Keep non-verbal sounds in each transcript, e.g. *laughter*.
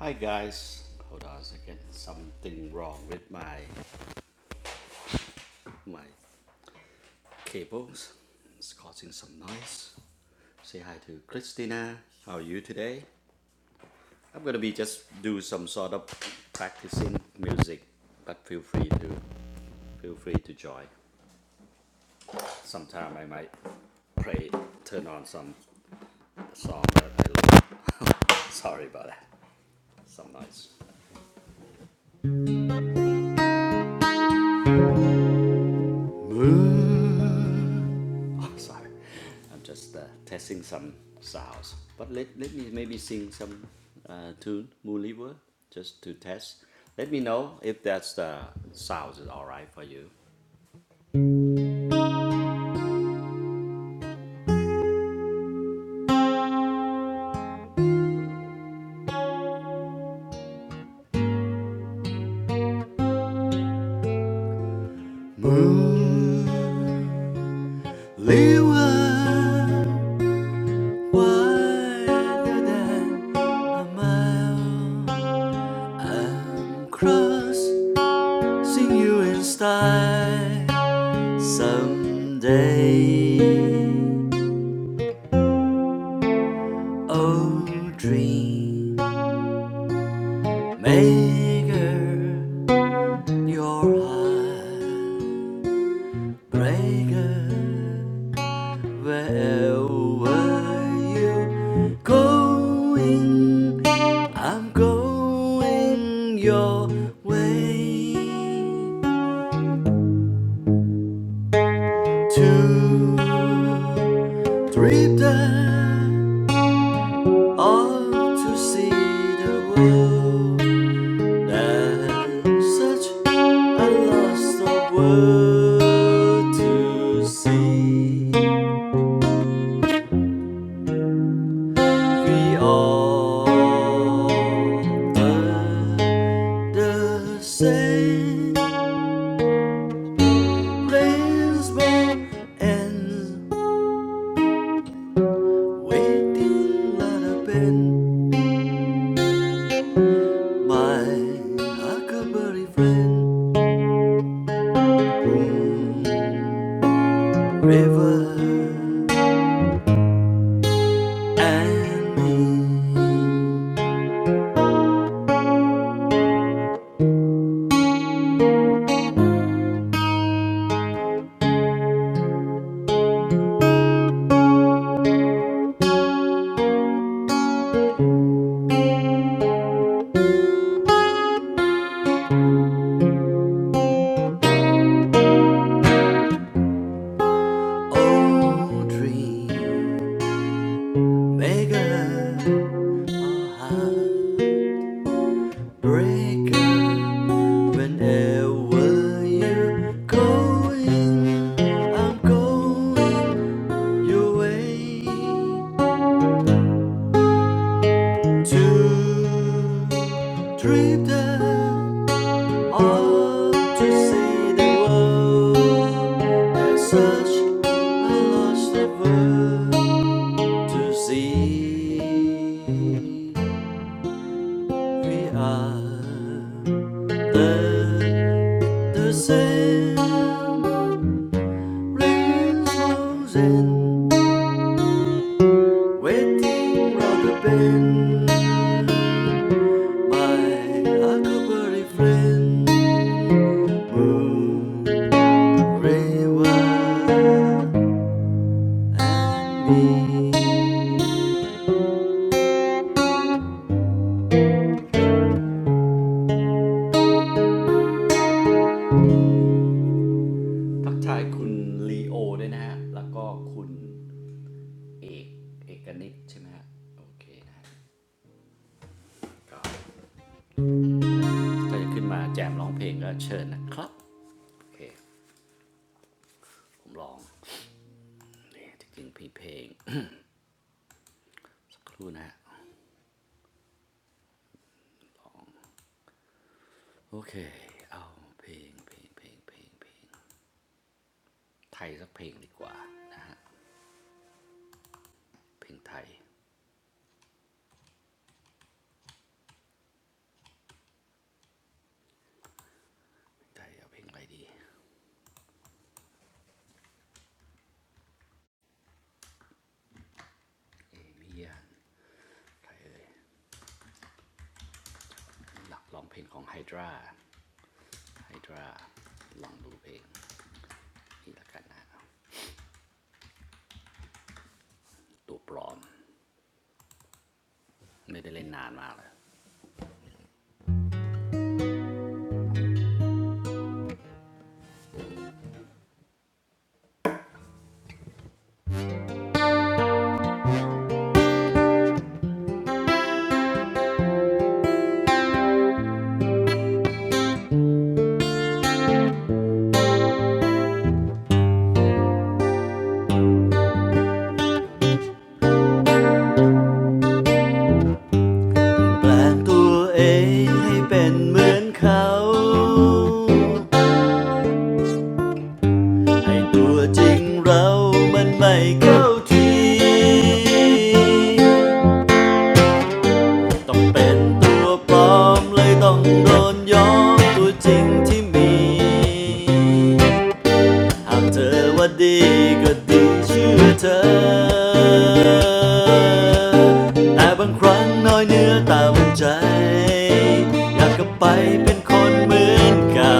Hi guys, hold on a second. Something wrong with my my cables. It's causing some noise. Say hi to Christina. How are you today? I'm gonna be just do some sort of practicing music, but feel free to feel free to join. Sometime I might play turn on some song that I like. Sorry about that. Some noise. Moon. Oh, sorry. I'm just uh, testing some sounds. But let, let me maybe sing some uh, tune, Moon River, just to test. Let me know if that's the uh, sounds is all right for you. Moon River, wider than a mile. I'm crossing you in style. Someday, oh dream maker, your heart breaker, wherever you going, I'm going your way to dream that all to see the world. And such I lost the world to see. We all are the same. Rain's born and waiting at a bend. My huckleberry friend, Boom, river and me. Old dream maker, a heartbreaker. Whenever you're going, I'm going your way to dream the or to see the world as such a lost the world to see. We are the, the same. Rain falls in, waiting round the bend. My huckleberry friend, Moon River and me. ทักทายคุณลีโอด้วยนะฮะแล้วก็คุณเอกเอกนิตใช่ไหมฮะโอเคนะฮะก็ ถ้าจะขึ้นมาแจมร้องเพลงก็เชิญนะครับโอเคผมร้องนี่จริงๆพี่เพลงสักครู่นะฮะโอเคเอาเพลงเพลงเพลงเพลงเพลงไทยสักเพลงดีกว่านะฮะเพลงไทยไทยเอาเพลงอะไรดีเอเวียนใครเอ่ยหลักร้องเพลงของไฮดราไฮดราลองดูเพลงนี่ละกันนะตัวปลอมไม่ได้เล่นนานมากเลยแปลงตัวเองให้เป็นเหมือนเขา ให้ตัวจริงเรามันไม่เข้าที ต้องเป็นตัวปลอมเลยต้องโดนยอมตัวจริงที่มี หากเธอว่าดีก็ดีเชื่อเธอ แต่บางครั้งน้อยเนื้อตามใจ อยากกลับไปเป็นคนเหมือนเก่า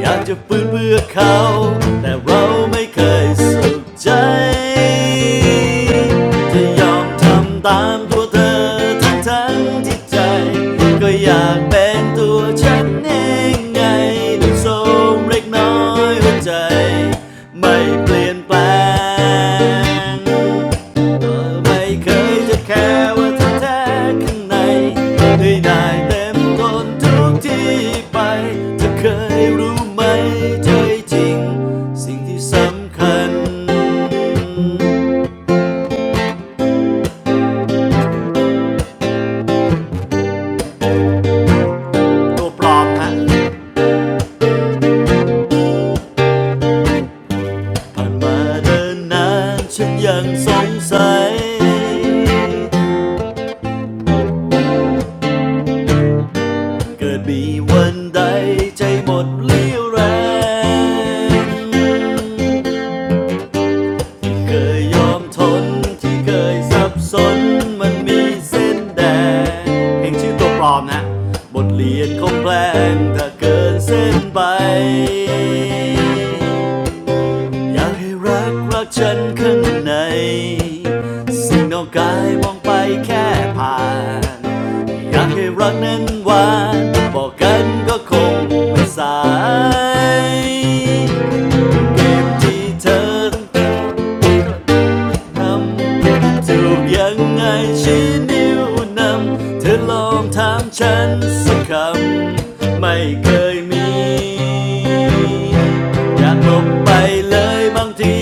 อยากจะฟื้นเพื่อเขา แต่เราไม่เคยสุขใจ จะยอมทำตามตัวเธอทั้งทั้งที่ใจ ก็อยากเป็นตัวฉันเองไงลูกโสมเล็กน้อยหัวใจไม่เปลี่ยนแปลงก็ไม่เคยจะแค่ว่าเธอแท้ข้างในให้ได้เต็มทนทุกที่ไปจะเคยรู้ไหมใจจริงสิ่งที่สำคัญตัวปลอมฮะ ผ่านมาเดินนานฉันยังสงสัย เกิดมีวันใดใจหมดเรี่ยวแรงที่เคยยอมทนที่เคยสับสนมันมีเส้นแดงเพลงชื่อตัวปลอมนะบทเรียนคงแปลงถ้าเกินเส้นไป อยากให้รักรักฉันข้างใน สิ่งนอกกายมองไปแค่ผ่าน อยากให้รักนั้นหวานบอกกันก็คงไม่สาย เก็บที่เธอ ทำถูกยังไงชี้นิ้วนำเธอลองถามฉันสักคำไม่เคยมีอยากหลบไปเลยบางที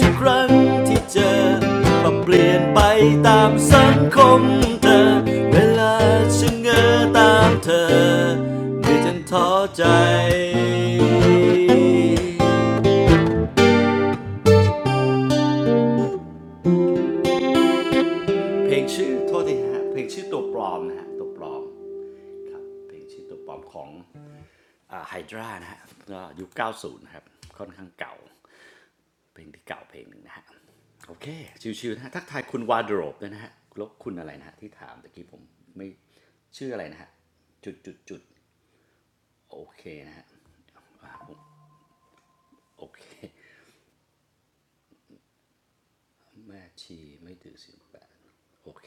ทุกครั้งที่เจอพอเปลี่ยนไปตามสังคมเธอเวลาฉันเงอตามเธอไม่จนท้อใจเพลงชื่อโทษทีฮะเพลงชื่อตัวปลอมนะฮะตัวปลอม ครับเพลงชื่อตัวปลอมของไฮดรานะฮะก็ยุค90นะครับ ค่อนข้างเก่าเพลงที่เก่าเพลงหนึ่งนะฮะ โอเค ชิวๆนะฮะทักทายคุณวาร์ดโรบด้วยนะฮะ ลบคุณอะไรนะฮะที่ถามตะกี้ผมไม่ชื่ออะไรนะฮะ จุดๆๆ โอเคนะฮะอโอเค แม่ชีไม่ถือสิบแปดโอเค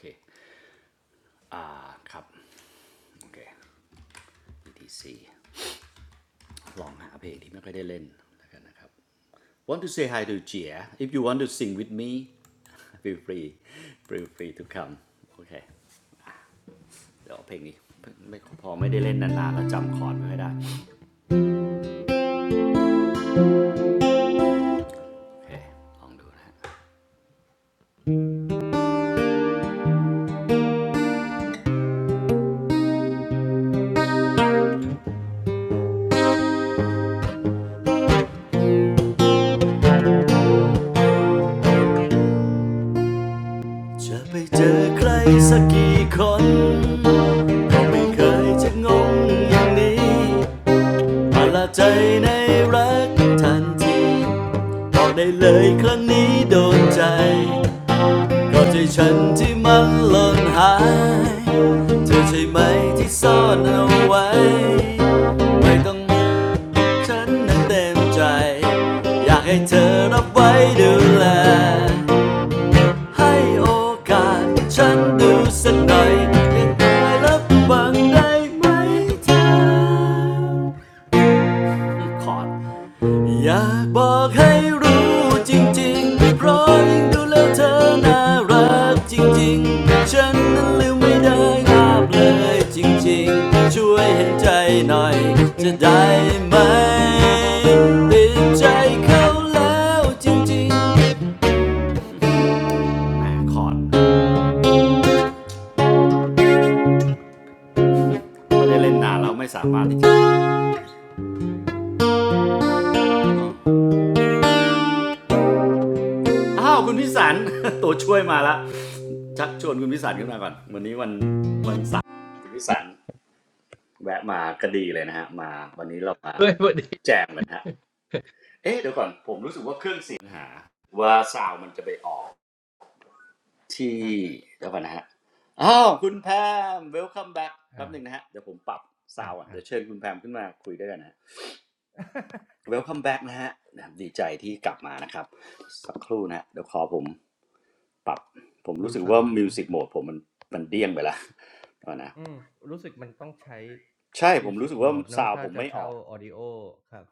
อ่าครับ โอเค BTC ลองหาเพลงที่ไม่ค่อยได้เล่นแล้วกันนะครับ Want to say hi to Jia if you want to sing with me ฟ e e f รีฟ f r e รีทุกคำโอเคเดี๋ยวเอาเพลงนี้ไม่พอไม่ได้เล่นนานๆแล้วจำคอร์ดไม่ค่อยได้โอเคลองดูนะฮะจะไปเจอใครสักกี่คนก็ไม่เคยจะงงอย่างนี้ประหลาดใจในรักทันทีบอกได้เลยครั้งนี้โดนใจก็ใจฉันที่มันหล่นหายเธอใช่ไหมที่ซ่อนเอาไว้ไม่ต้อง ฉันนั้นเต็มใจอยากให้เธอรับไว้ดูแลให้โอกาสฉันดูสักหน่อยยังไงรับฟังได้ไหมเธอคอร์ด อยากบอกให้รู้จริงๆเพราะยิ่งดูแล้วเธอน่ารักจริงๆฉันนั้นลืมไม่ได้ลาบเลยจริงๆช่วยเห็นใจหน่อยจะได้ไหมติดใจเขาแล้วจริงๆแหมคอร์ดไม่ได้เล่นนานแล้วไม่สามารถที่จะอ้าวคุณพิสัน *laughs* ตัวช่วยมาละชักชวนคุณพิสันขึ้นมาก่อนวันนี้วันวันเสาร์คุณพิสัน แวะมาก็ดีเลยนะฮะมาวันนี้เรามาด้วยพอดีแจมกันฮะเอ๊ะเดี๋ยวก่อนผมรู้สึกว่าเครื่องเสียงหาว่าซาวมันจะไปออกที่อ่ะเดี๋ยวก่อนนะฮะครับอ้าวคุณแพม welcome back แป๊อ่าบหนึ่งนะฮะเดี๋ยวผมปรับซาอ่าวอ่ะอ่า เดี๋ยวเชิญคุณแพมขึ้นมาคุยด้วยกันนะ welcome *laughs* back นะฮะบดีใจที่กลับมานะครับสักครู่นะฮะเดี๋ยวขอผมปรับผมดูรู้สึกสาว่าวมิวสิกคโหรัมบดผมมันมันเดี้ยงไปละเดี๋ยวก่อนนะอืมรู้สึกมันต้องใช้ ใช่ผมรู้ music สึกว่า mode เนอะ ซาวถ้าผมจะไม่ออเช่า ก audio ครับ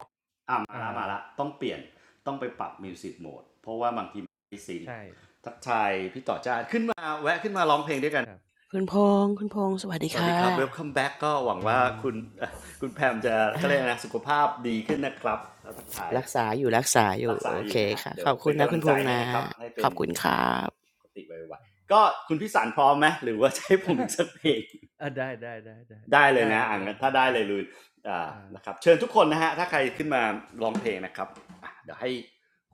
อ่ะมาอ่าละมาละต้องเปลี่ยนต้องไปปรับมิวสิกโหมดเพราะว่าบางทีมันไม่ซิงคใช่ทักทายพี่ต่อจ้าขึ้นมาแวะขึ้นมาร้องเพลงด้วยกันครับคุณพงษ์คุณพงษ์สวัสดีสวัสดีค่ะครับ Welcome back ก็อืหมวังอืว่ามคุณ *laughs* คุณแพมจะก็เรียกนะสุขภาพดีอืมขึ้นอืม นะครับแล้วทักทายรักษาอยู่รักษาอรัยู่กษาโออเคยู่นะฮะค่ะเดี๋ขยวอบคุเป็ณนนะกำลัคุงณพใจงษ์ให้นะนะครับให้ขเป็อนบคุณครับ ปกติไวๆก็คุณพิสารพร้อมไหมหรือว่าจะให้ผมอีกสักเพลง *laughs* อ่ะ *laughs* ได้ได้ได้ได้ ได้เลยได้นะครับได้อ่ะันได้ถ้าได้ได้เลยลุยอ่าอ่านะครับเชิญทุกคนนะฮะถ้าใครครับ ขึ้นมาร้องเพลงนะครับเดี๋ยวให้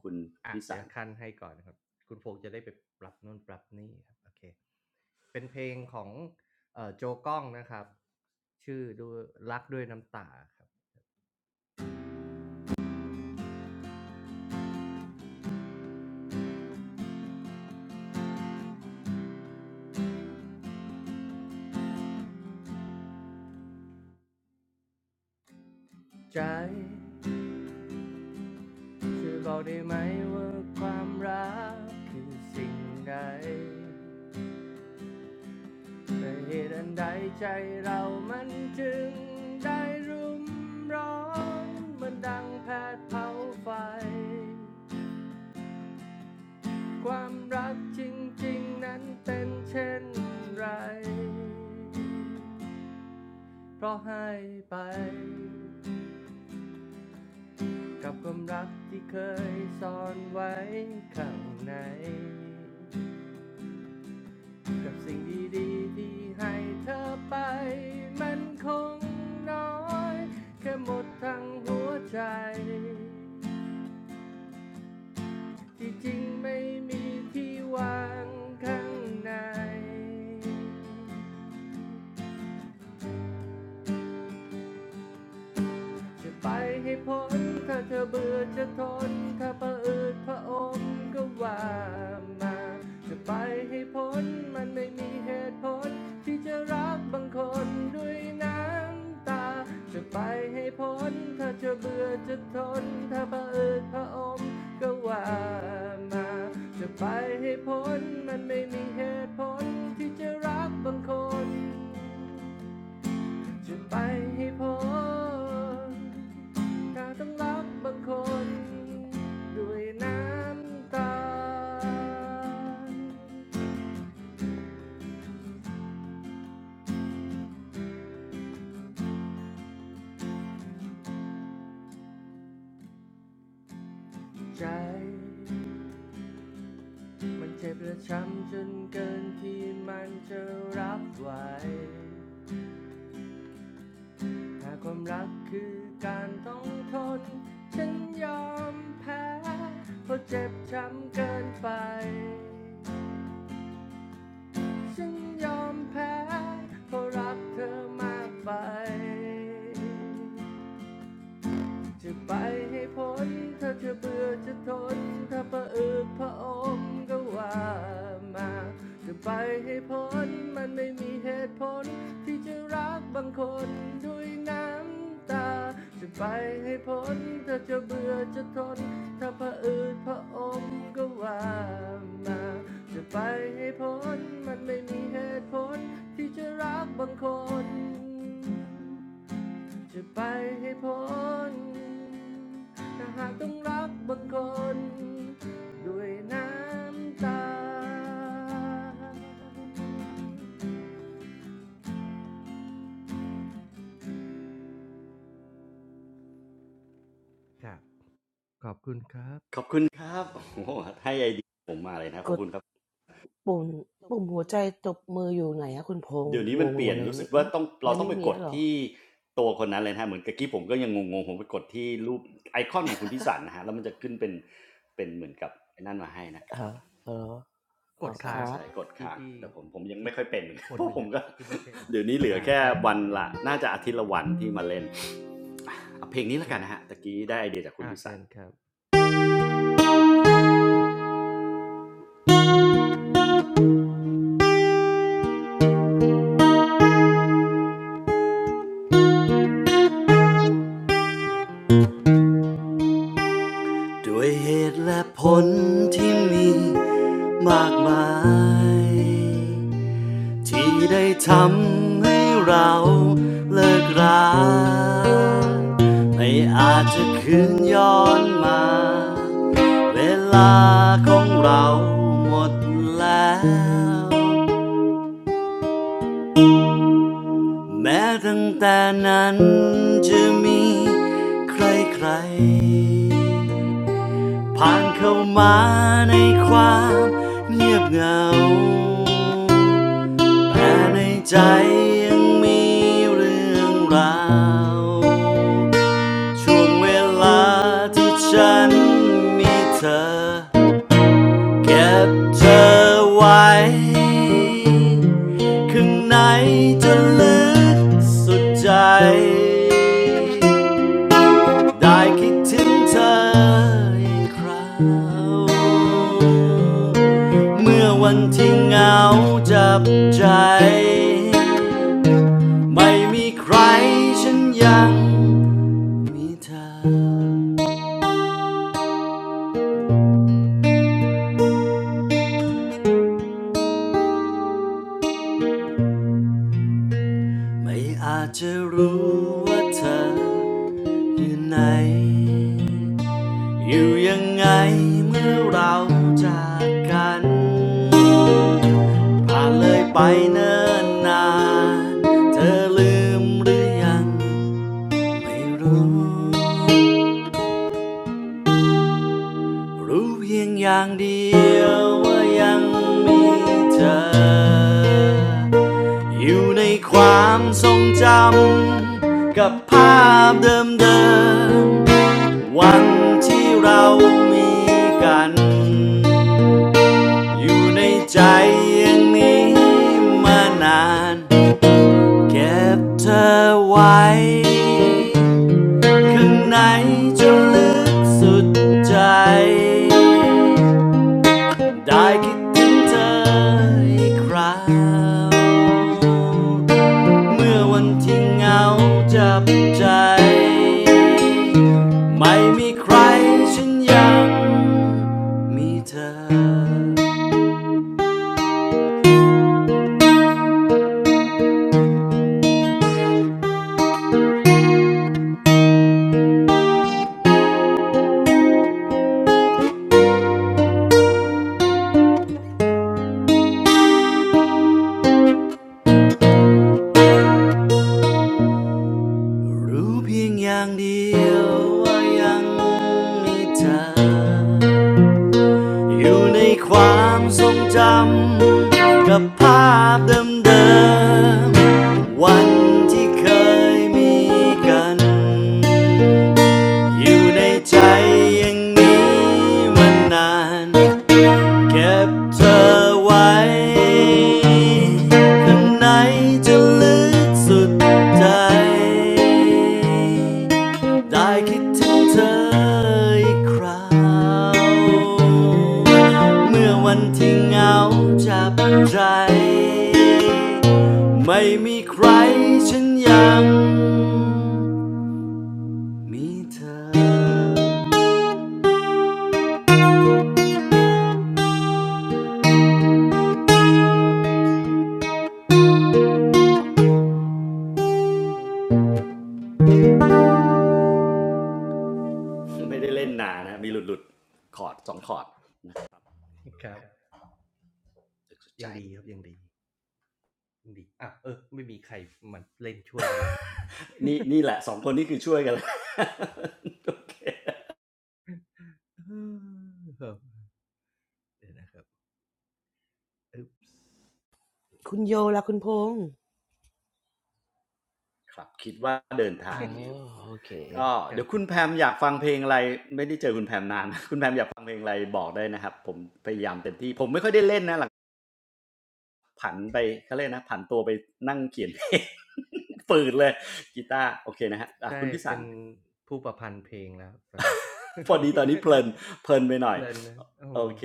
คุณอะพี่เดี๋สายรวก่อนคั้นให้ก่อนนะครับคุณโฟกจะได้ไปปรับนู่นปรับนี่ครับโอเคเป็นเพลงของเอ่อโจก้องนะครับชื่อดูรักด้วยน้ำตาครับใจช่วยบอกได้ไหมว่าความรักคือสิ่งใดแต่เหตุอันใดใจเรามันจึงได้รุมร้อนเหมันดังแผดเผาไฟ ความรักจริงๆนั้นเป็นเช่นไร เพราะให้ไปกับความรักที่เคยซ่อนไว้ข้างใน กับสิ่งดีๆที่ให้เธอไปมันคงน้อยแค่หมดทั้งหัวใจ ที่จริงไม่มีที่วางข้างใน จะไปให้พ้นถ้าเธอเบื่อจะทนถ้าประอืดพระอมก็ว่ามาจะไปให้พ้นมันไม่มีเหตุผลที่จะรักบางคนด้วยน้ำตาจะไปให้พ้นถ้าเธอเบื่อจะทนถ้าประอืดพระอมก็ว่ามาจะไปให้พ้นมันไม่มีเหตุผลที่จะรักบางคน จะไปให้พ้นการต้องรับบางคนด้วยน้ำตาใจมันเจ็บและช้ำจนเกินที่มันจะรับไหวหากความรักคือการต้องทน ฉันยอมแพ้เพราะเจ็บช้ำเกินไป ฉันยอมแพ้เพราะรักเธอมากไป จะไปให้พ้นถ้าเธอเบื่อจะทนถ้าประอิบพระอมก็ว่ามาจะไปให้พ้นมันไม่มีเหตุผลที่จะรักบางคนด้วยน้ำตาจะไปให้พ้นถ้าเธอเบื่อจะทนถ้าประอิบพระอมก็ว่ามาจะไปให้พ้นมันไม่มีเหตุผลที่จะรักบางคน จะไปให้พ้นถ้าหากต้องรักบางคนด้วยน้ำตาขอบคุณครับโอ้โหให้ไอเดียผมมาเลยนะขกอบดคุณครับปุ่มปุ่มหัวใจตบมืออยู่ไหนอะคุณพงษ์เดี๋ยวนี้งมันงเปหมลี่ยดนเลยรู้สึไม่กว่าไม่ต้องเรามันต้องไม่ไปมีกดแล้วเหรอที่ตัวคนนั้นเลยนะเหมือนกะกี้ผมก็ยังงงๆผมไปกดที่รูปไอคอนของคุณพ่สันนะฮะแล้วมันจะขึ้นเป็นเป็นเหมือนกับไอ้นั่นมาให้นะคฮรัอบ อเออกอ๋อดใช่คค้างรับ ใช่กดที่ค้างที่แต่ผมผมยังที่ไม่ค่อยเป็น ค *laughs* เพนหราะนึ่งผมอ่ะก็ ที่ไม่ใช่เรา *laughs* เดี๋ยวนี้เหลืออ่าแค่ใช่ครับวันใช่ครับละน่าจะอาทิตย์ละวันที่มาเล่นอเเพลงนี้แล้ควกันรับนะฮะตะกี้ได้ไอเดียจากคุณอ่าพิเชิสัน ญครับด้วยเหตุและผลที่มีมากมายที่ได้ทำให้เราเลิกราไม่อาจจะคืนย้อนมาเวลาของเราหมดแล้วแม้ตั้งแต่นั้นจะมีใครๆ ผ่านเข้ามาในความเงียบเหงาแต่ในใจยังมีเรื่องราว ช่วงเวลาที่ฉันมีเธอเก็บเธอไว้ข้างในจะลึกสุดใจ ได้คิดถึงเธออีกคราวเมื่อวันที่เหงาจับใจไม่มีใครฉันยังมีเธอไม่อาจจะรู้ว่าเธอ อยู่ไหน อยู่ยังไงเมื่อเราจากกัน ผ่านเลยไปเนิ่นนานเธอลืมหรือยังไม่รู้ รู้เพียงอย่างเดียวว่ายังมีเธอ อยู่ในความทรงจำกับภาพเดิมๆวันที่เรามีกัน อยู่ในใจอย่างนี้มานาน เก็บเธอไว้ข้างในจนลึกสุดใจ ได้คิดถึงเธออีกคราว เมื่อวันที่เหงาจับใจ ไม่มีใครฉันยังมีเธอ รู้เพียงอย่างเดียวว่ายังมีเธอ อยู่ในความทรงจำกับภาพเดิมๆวันที่เคยมีกัน อยู่ในใจอย่างนี้มานาน เก็บเธอไว้ข้างในจะลึกสุดใจได้คิดถึงเธออีกคราวเมื่อวันที่เหงาจับใจไม่มีใครฉันยังมีเธอไม่ได้เล่นนานนะมีหลุดหลุดคอร์ดสองคอร์ดนะสุดใจ นี่นี่แหละสองคนนี้คือช่วยกันแล้ว *laughs* โอเคคุณโยละคุณพงษ์ครับคิดว่าเดินทาอ๋องอยู่โอเค ก็เดี๋ยวคุณแพมอยากฟังเพลงอะไรไม่ได้เจอคุณแพมนาน *laughs* คุณแพมอยากฟังเพลงอะไรบอกได้นะครับผมพยายามเต็มที่ผมไม่ค่อยได้เล่นนะหลังผันไปเขาเรียกนะผันตัวไปนั่งเขียนเพลง *laughs* ฝืดเลยกีตาร์โอเคนะฮะะคุณพิสันพอดีตอนนี้เพลินเพลินไปหน่อยโอเค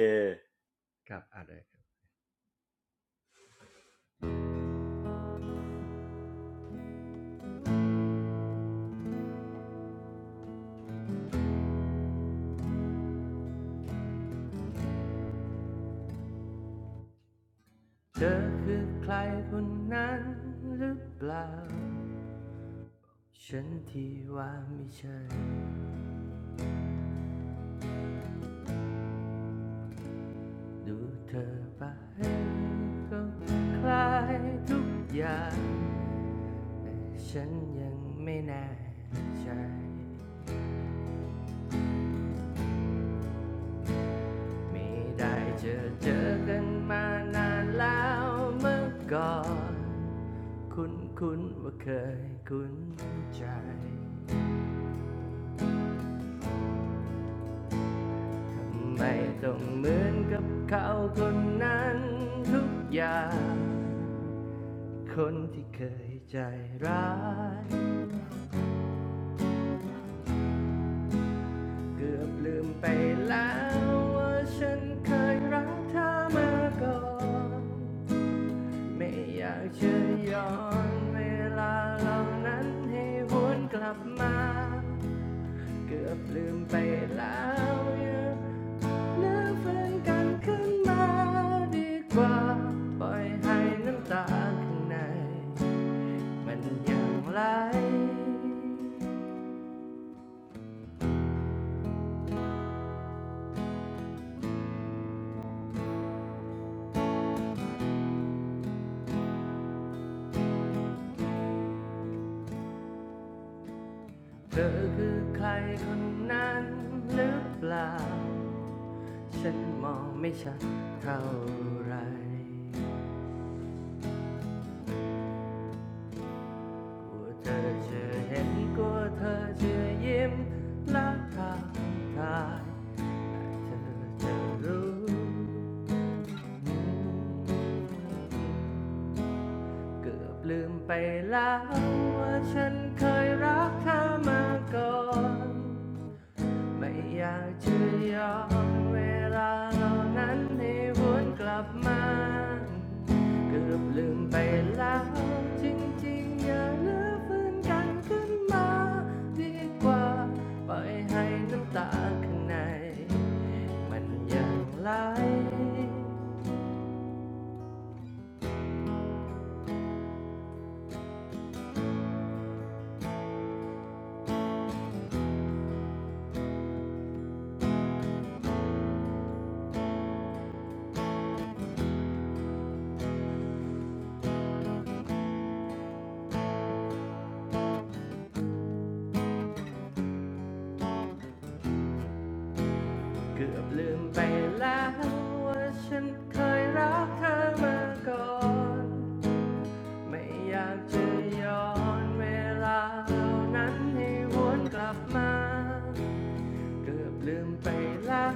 ดูเธอไปก็คลายทุกอย่างฉันยังไม่แน่ใจ ไม่ได้เจอเจอกันมานานแล้วเมื่อก่อนคุ้นคุ้นๆว่าเคยคุ้นใจทำไมต้องเหมือนกับเขาคนนั้นทุกอย่างคนที่เคยใจร้ายเกือบลืมไปแล้วว่าฉันเคยรักเธอมาก่อน ไม่อยากจะย้อนเวลาเหล่านั้นให้หวนกลับมาเกือบลืมไปแล้วเน่้อเฟินกันขึ้นมาดีกว่าปล่อยให้น้ำตาข้างในมันยังไหลเธอคือใครคนนั้นหรือเปล่าฉันมองไม่ชัดเท่าไหร เธอจะเห็นกลัวเธอจะยิ้มลักทางทายเธอจะรู้เกือบลืมไปแล้วว่าฉันเคยรักเธอมาก่อน ไม่อยากจะยอมเวลาเหล่านั้นให้วนกลับมาเกือบลืมไปแล้วจริงๆอย่าเลือฟื้นกันขึ้นมาดีกว่าปล่อยให้น้ำตาข้างในมันยังไหลเกือบลืมไปแล้วว่าฉันเคยรักเธอมาก่อน ไม่อยากจะย้อนเวลาเหล่านั้นให้วนกลับมาเกือบลืมไปแล้ว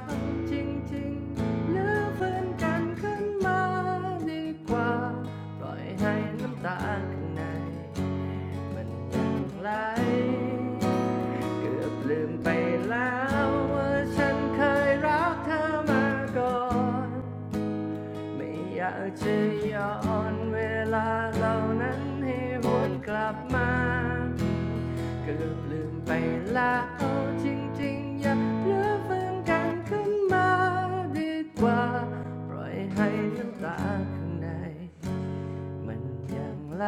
จริงๆลือฟื้นกันขึ้นมาดีกว่าปล่อยให้น้ำตาข้างในมันยังไหลเกือบลืมไปแล้วว่าฉันเคยรักเธอมาก่อน ไม่อยากจะย้อนเวลาเหล่านั้นให้หวนกลับมาเกือบลืมไปแล้วจริงๆ อย่าเลือกฟื้นกันขึ้นมาดีกว่าปล่อยให้น้ำตาข้างในมันยังไหล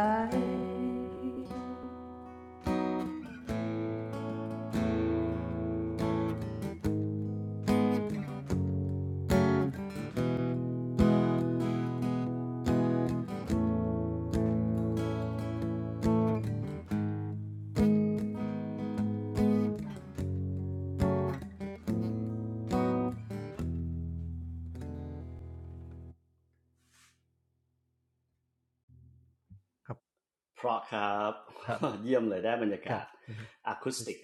เพราะครับ *laughs* เยี่ยมเลยได้บรรยากาศอะคูสติก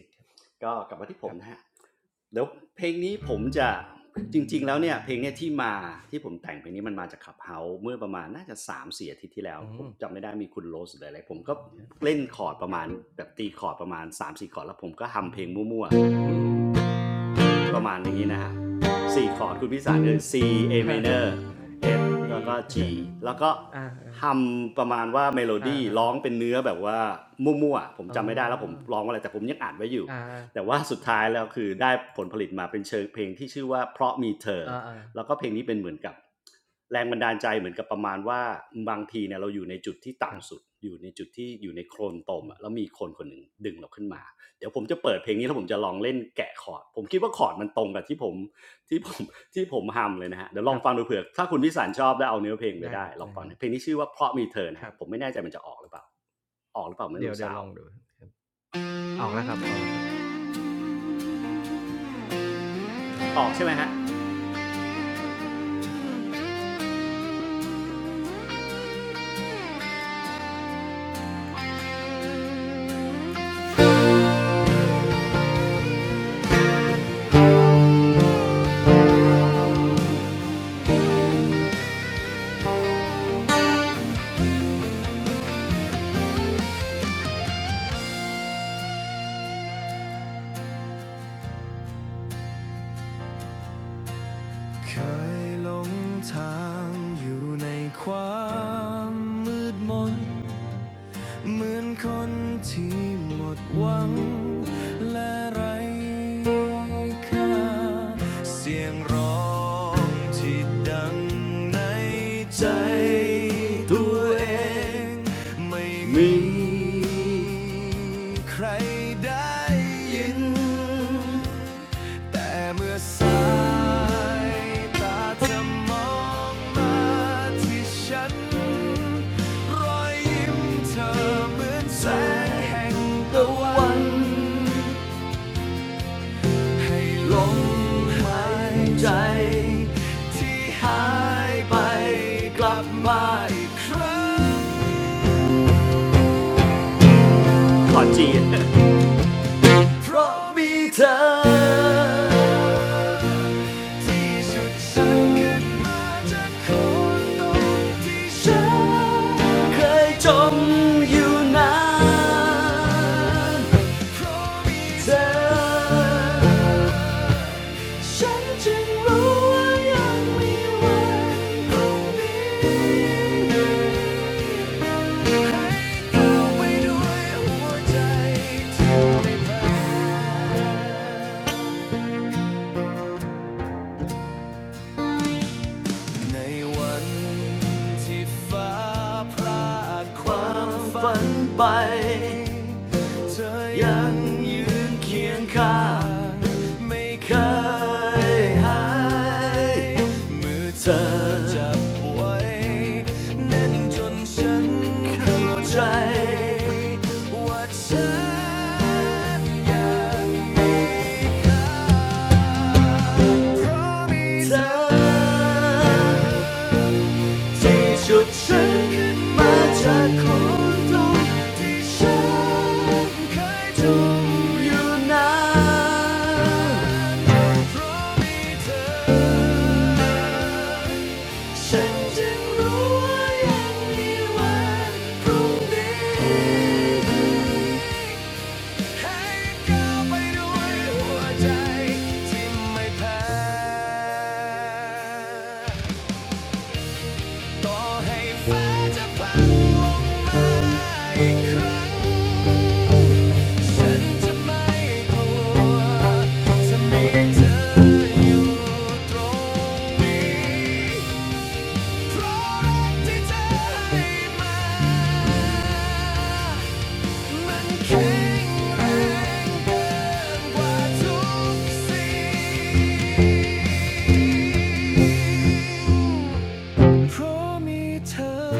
ก็กลับมาที่ผมนะฮะเดี๋ยวเพลงนี้ผมจะจริงๆแล้วเนี่ยเพลงเนี่ยที่มาที่ผมแต่งเพลงนี้มันมาจากขับเฮาเมื่อประมาณน่าจะ3ามถึงสี่อาทิตย์ที่แล้วผมจำไม่ได้มีคุณโรสหรืออะไรผมก็เล่นคอร์ดประมาณแบบตีคอร์ดประมาณ3ามถึงสี่คอร์ดแล้วผมก็ทำเพลงมั่วๆ ประมาณอย่างนี้นะฮะ4คอร์ดคุณพิสารคือ C A minor F แล้วก็ G แล้วก็ฮัมประมาณว่าเมโลดี้ร้องเป็นเนื้อแบบว่ามั่วๆ ผมจำไม่ได้แล้วผมร้องว่าอะไรแต่ผมยังอ่านไว้อยู่ แต่ว่าสุดท้ายแล้วคือได้ผลผลิตมาเป็นเชิงเพลงที่ชื่อว่าเพราะมีเธอแล้วก็เพลงนี้เป็นเหมือนกับแรงบันดาลใจเหมือนกับประมาณว่าบางทีเนี่ยเราอยู่ในจุดที่ต่ำสุดอยู่ในจุดที่อยู่ในโคลนตมอะแล้วมีคนคนหนึ่งดึงเราขึ้นมา เดี๋ยวผมจะเปิดเพลงนี้แล้วผมจะลองเล่นแกะคอร์ดผมคิดว่าคอร์ดมันตรงกับที่ผม *laughs* ที่ผมที่ผมทำเลยนะฮะเดี๋ยวลองฟังดูเผื่อถ้าคุณพิสารชอบแล้วเอาเนื้อเพลงไปได้ลองฟังนะเพลงนี้ชื่อว่าเพราะมีเธอนะฮะผมไม่แน่ใจมันจะออกหรือเปล่าออกหรือเปล่าไม่รู้สาวออกใช่ไหมฮะเคยหลงทางอยู่ในความมืดมน เหมือนคนที่หมดหวังและไร้ค่าเสียงร้องที่ดังในใจตัวเองไม่มีใครได้ยิน แต่เมื่อสายตาเธอมองมาที่ฉันรอยยิ้มเธอเหมือนแสงแห่งตะวันให้ลมหายใจที่หายไปกลับมาอีกครั้งขอจีน เพราะมีเธอที่สุดฉันขึ้นมาจากคนงที่ฉันเคยจมอยู่นานเพราะมีเธอฉันจึงรู้ว่ายังมีวันพรุ่งนี้ Let go, baby, with a heart that's never been. ที่ฟ้าพรากความฝันไป เธอยังยืนเคียงข้างไม่เคยหายมือเธอจับไว้แน่นจนฉันเข้าใจว่าฉันยังมีเธอ ที่ชุดฉันขึ้นมาจากคนตรงที่ฉันเคยจมอยู่นานเพราะมีเธอ ฉันจึงรู้ว่ายังมีวันพรุ่งนี้ ให้ก้าวไปด้วยหัวใจที่ไม่แพ้ ต่อให้ฟ้าจะพังมาอีกครั้งฉันจะไม่กลัวจะมีเธออยู่ตรงนี้เพราะรักที่เธอให้มามันแข็งแรงเกินกว่าทุกสิ่งเพราะมีเธอ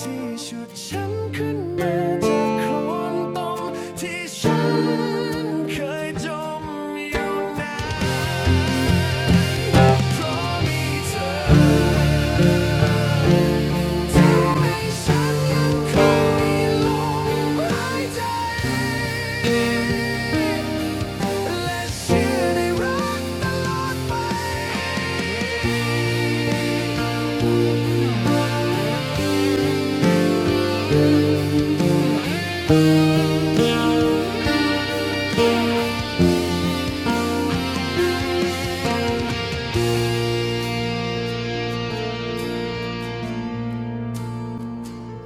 ที่ชุดฉันขึ้นมาจากโคลนตมที่ฉันเคยจมอยู่นานเพราะมีเธอทีให้ฉันยังคงมีลมหายใจและเชื่อในรักตลอดไป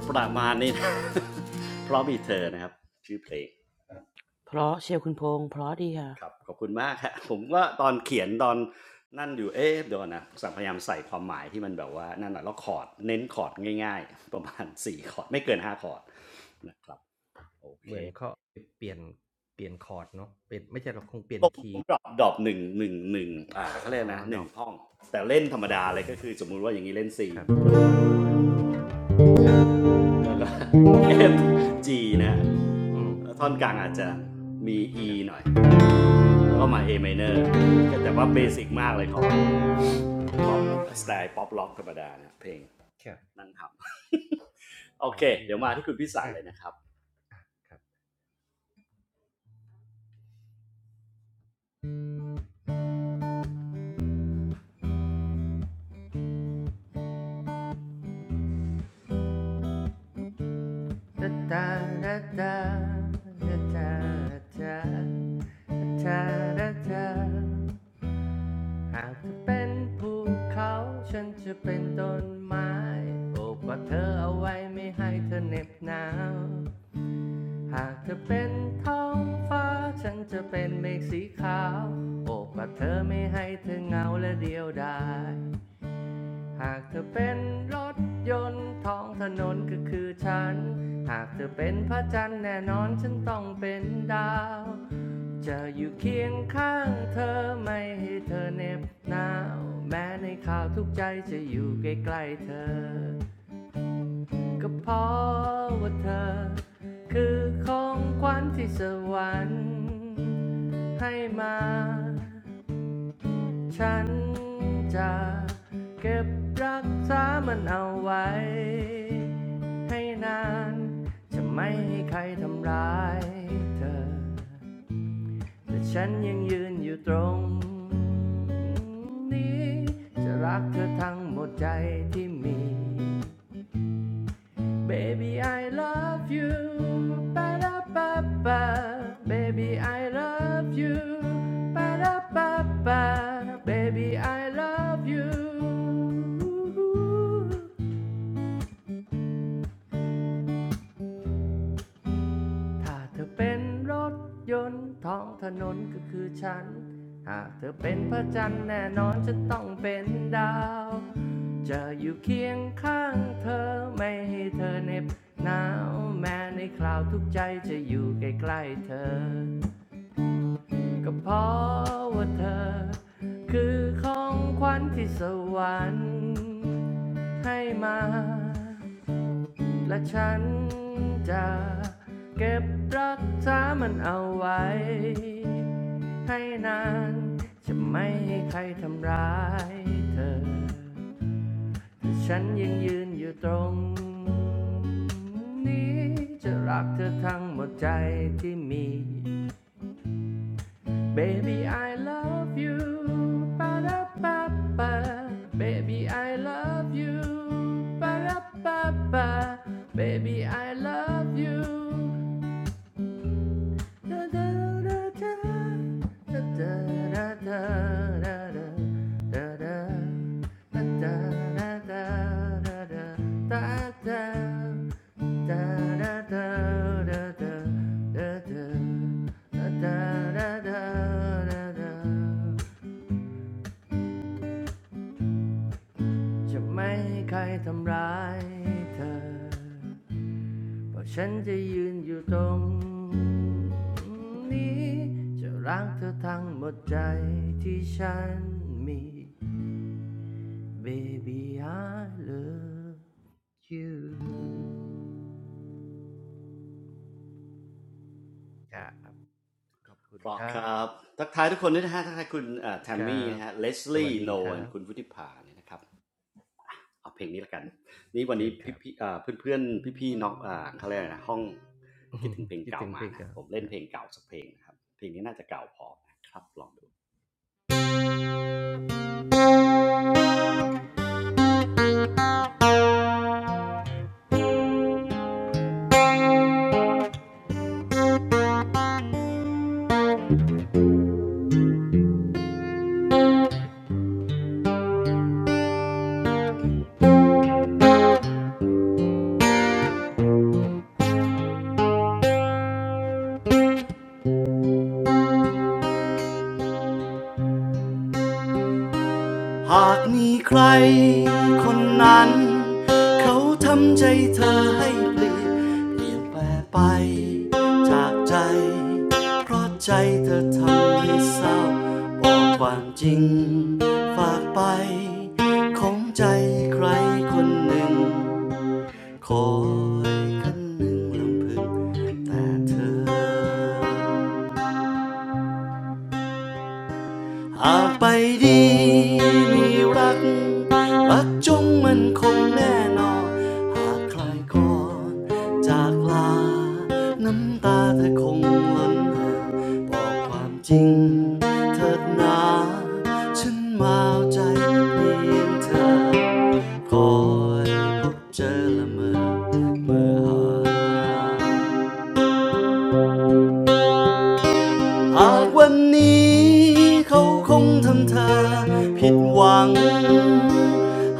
ประมาณนี้นะเพราะมีเธอนะครับชื่อเพลง เพราะเชียวคุณพงษ์เพราะดีค่ะครับขอบคุณมาก *laughs* ครับผมก็ตอนเขียนตอนนั่นอยู่เอ๊ะเดี๋ยวก่อนนะพยายามใส่ความหมายที่มันแบบว่านั่นหน่อยแล้วคอร์ดเน้นคอร์ดง่ายๆ *laughs* ประมาณ4คอร์ดไม่เกิน5คอร์ดนะครับโอเคผมดรอปดรอปหนึ่งหนึ่งหนึ่งอ่าเขาเรียกนะหนึ่งห้องแต่เล่นธรรมดาเลยก็คือสมมุติว่าอย่างนี้เล่น C แล้วก็ F G นะแล้วท่อนกลางอาจจะมี E หน่อยแล้วก็มา A minor แต่ว่าเบสิกมากเลยของของสไตล์ป๊อปล็อกธรรมดานะเพลง นั่งทำ *laughs* โอเคเดี๋ยวมาที่คุณพิสารเลยนะครับตาตาตาตาตาตาตา หากเธอเป็นภูเขาฉันจะเป็นต้นไม้โอบกอดเธอเอาไว้ไม่ให้เธอเหน็บหนาวหากเธอเป็นท้องฟ้าฉันจะเป็นเมฆสีขาวโอบกอดเธอไม่ให้เธอเหงาและเดียวดาย หากเธอเป็นรถยนต์ท้องถนนก็คือฉัน หากเธอเป็นพระจันทร์แน่นอนฉันต้องเป็นดาว จะอยู่เคียงข้างเธอไม่ให้เธอเหน็บหนาวแม้ในข่าวทุกใจจะอยู่ใกล้ๆเธอ ก็เพราะว่าเธอคือของขวัญที่สวรรค์ให้มา ฉันจะเก็บรักษามันเอาไว้ให้นานจะไม่ให้ใครทำร้ายเธอแต่ฉันยังยืนอยู่ตรงนี้จะรักเธอทั้งหมดใจที่มี Baby, I love you. Ba da ba ba. Baby, I love you. Ba da ba ba. Baby, I love you. ถ้าเธอเป็นรถยนต์ท้องถนนก็คือฉันหากเธอเป็นพระจันทร์แน่นอนจะต้องเป็นดาว จะอยู่เคียงข้างเธอไม่ให้เธอเหน็บหนาวแม้ในคราวทุกข์ใจจะอยู่ใกล้ๆเธอ ก็เพราะว่าเธอคือของขวัญที่สวรรค์ให้มา และฉันจะเก็บรักษามันเอาไว้ให้นานจะไม่ให้ใครทำร้ายเธอแต่ฉันยังยืนอยู่ตรงนี้จะรักเธอทั้งหมดใจที่มี Baby, I love you. Ba-da-ba-ba. Baby, I love you. Ba-da-ba-ba. Baby, I love you. จะไม่ใ้ใครทำร้ายเธอ ว่าฉันจะยืนอยู่ตรงนี้จะรักเธอทั้งหมดใจที่ฉันมี Baby I love เพราะครับทักทายทุกคนด้วยนะฮะทักทายคุณแทมมี่นะฮะเลสลี่โนนคุณพุทธิภาเนี่ยนะครับเอาเพลงนี้ละกันนี่วันนี้พี่ๆเพื่อนๆพี่ๆน้องอ่าเขาเรียกนะห้องคิดถึงเพลงเก่ามานะผมเล่นเพลงเก่าสักเพลงนะครับเพลงนี้น่าจะเก่าพอนะครับลองดูฉันเอาบอกความจริงฝากไปของใจใครคนหนึ่ง คอยคนหนึ่งลำพึงแต่เธอ หากไปดีมีรักรักจงมันคงแน่นอน หากใครก่อนจากลาน้ำตาเธอคงล้นหาบอกความจริงเถิดนาฉันมาเอาใจเพียงเธอคอยพบเจอละเมอเมื่อหา หากวันนี้เขาคงทำเธอผิดหวัง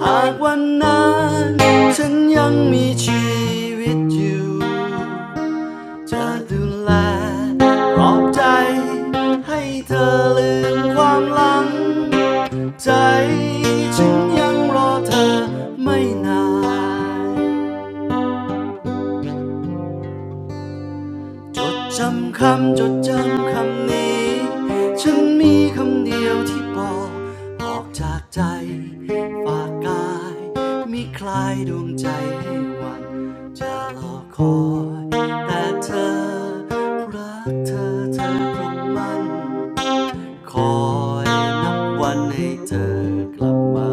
หากวันนั้นฉันยังมีชีวิตอยู่จะดูแลปลอบใจให้เธอลืมความหลังใจฉันยังรอเธอไม่นาน จดจำคำจดจำคำนี้ฉันมีคำเดียวที่บอกออกจากใจฝากกายมีคลายดวงใจให้หวันจะรอคอยแต่เธอรักเธอเธอคงมันคอยนับวันให้เธอกลับมา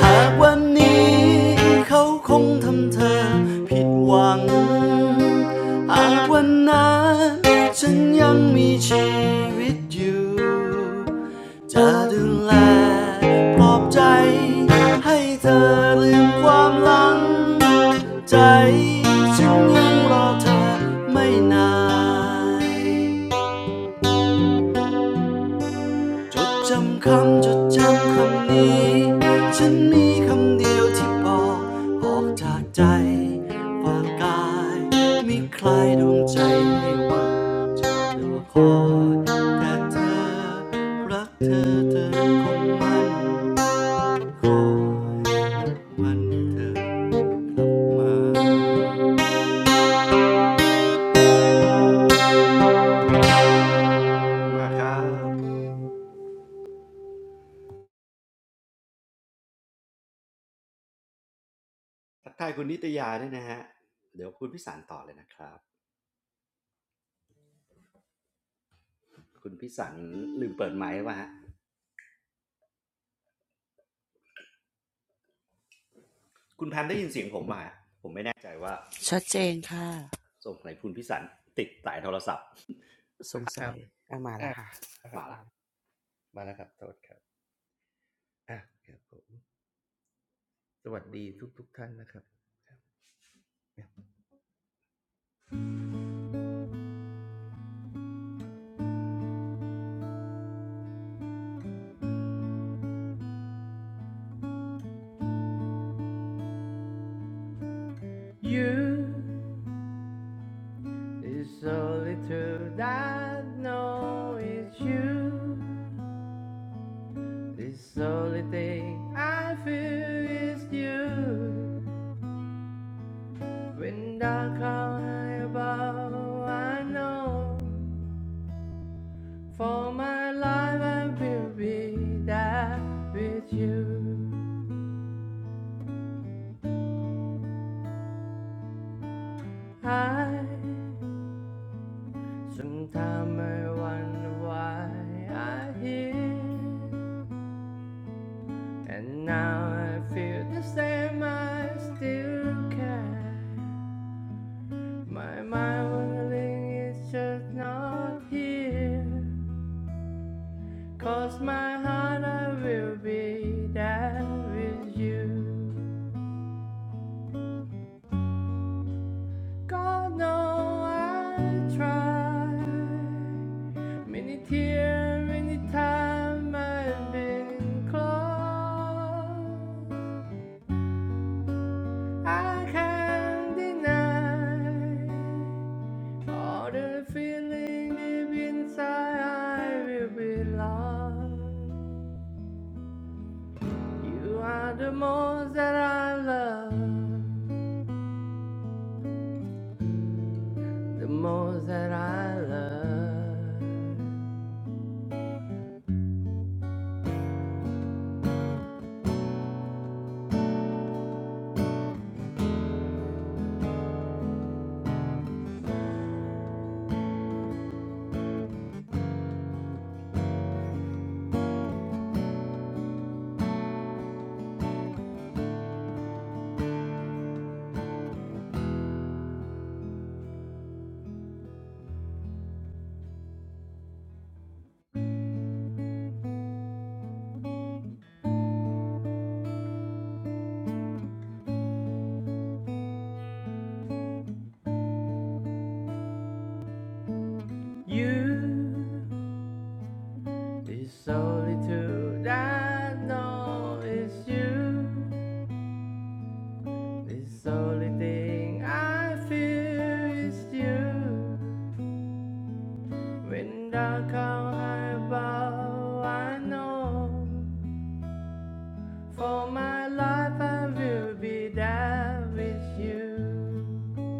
หากวันนี้เขาคงทำเธอผิดหวัง หากวันนั้นฉันยังมีชีวิตอยู่ จะดูแลปลอบใจให้เธอลืมความหลังใจฉันยังรอเธอไม่นาน จดจำคำจดจำคำนี้ฉันมีคำเดียวที่บอกออกจากใจฝากกายมีใครดวงใจให้หวังจะรอคอยแต่เธอรักเธอเธอคงมันคอยวันเธอมาครับทักทายคุณนิตยาด้วยนะฮะเดี๋ยวคุณพิสารต่อเลยนะครับคุณพิสารลืมเปิดไมค์้ป่ะฮะ คุณแพมได้ยินเสียงผมมาผมไม่แน่ใจว่าชัดเจนค่ะสรงไหนคุณพิสันติดสายโทรศัพท์สงสัยอ่ะมาละค่ะ มาละ you It's only true that know it's you It's only thing I feel is you When dark cloud high above I know For my life, I will be there with you. I sometimes I wonder why I'm here, and now I feel the same. I still care. My mind wondering is just not here. Cause my heart, I will be there with you. God know I tried many tears, many times I've been close. I can't deny all the feeling deep inside. I will be lost. You are the most that I love, the most that I love. You, this solitude I know is you. This only thing I feel is you. When dark clouds high above, I know for my life I will be there with you.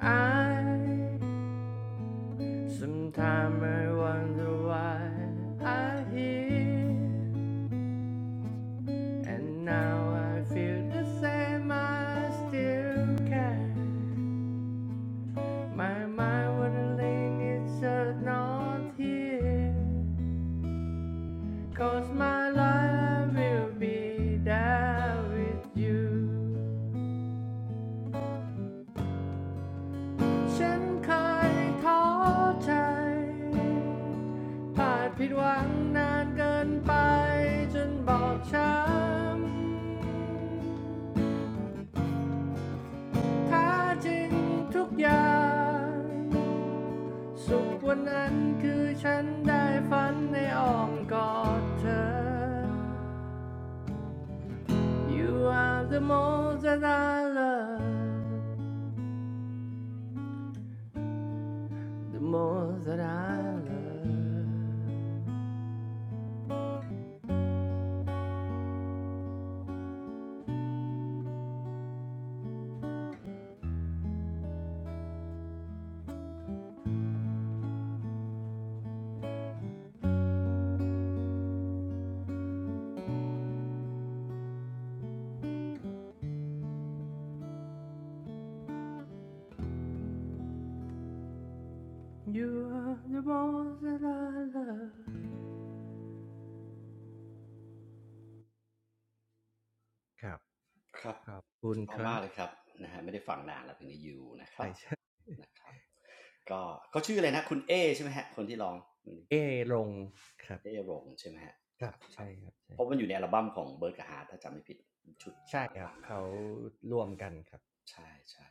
I Sometimes I wonder why I hear And now I feel the same, I still care. My mind wouldn't link, it's just not here. Cause my life will be there with you. ฉันเคยท้อใจพลาดผิดหวังนานเกินไปจนบอบช้ำ แท้จริงทุกอย่างสุขวันนั้นคือฉันได้ฝันในอ้อมกอดเธอ You are the most that I love the most that I love You are the most that I love ครับเอามากเลยครับนะฮะไม่ได้ฟังนานแล้วเพลงนี้อยู่นะครับนะครับ ก็เขาชื่ออะไรนะคุณเอใช่ไหมฮะคนที่ร้องเอรงใช่ไหมฮะครับครับ เพราะมันอยู่ในอัลบั้มของเบิร์ดกับฮาร์ทถ้าจำไม่ผิดชุดหลังๆหน่อยใช่ใช่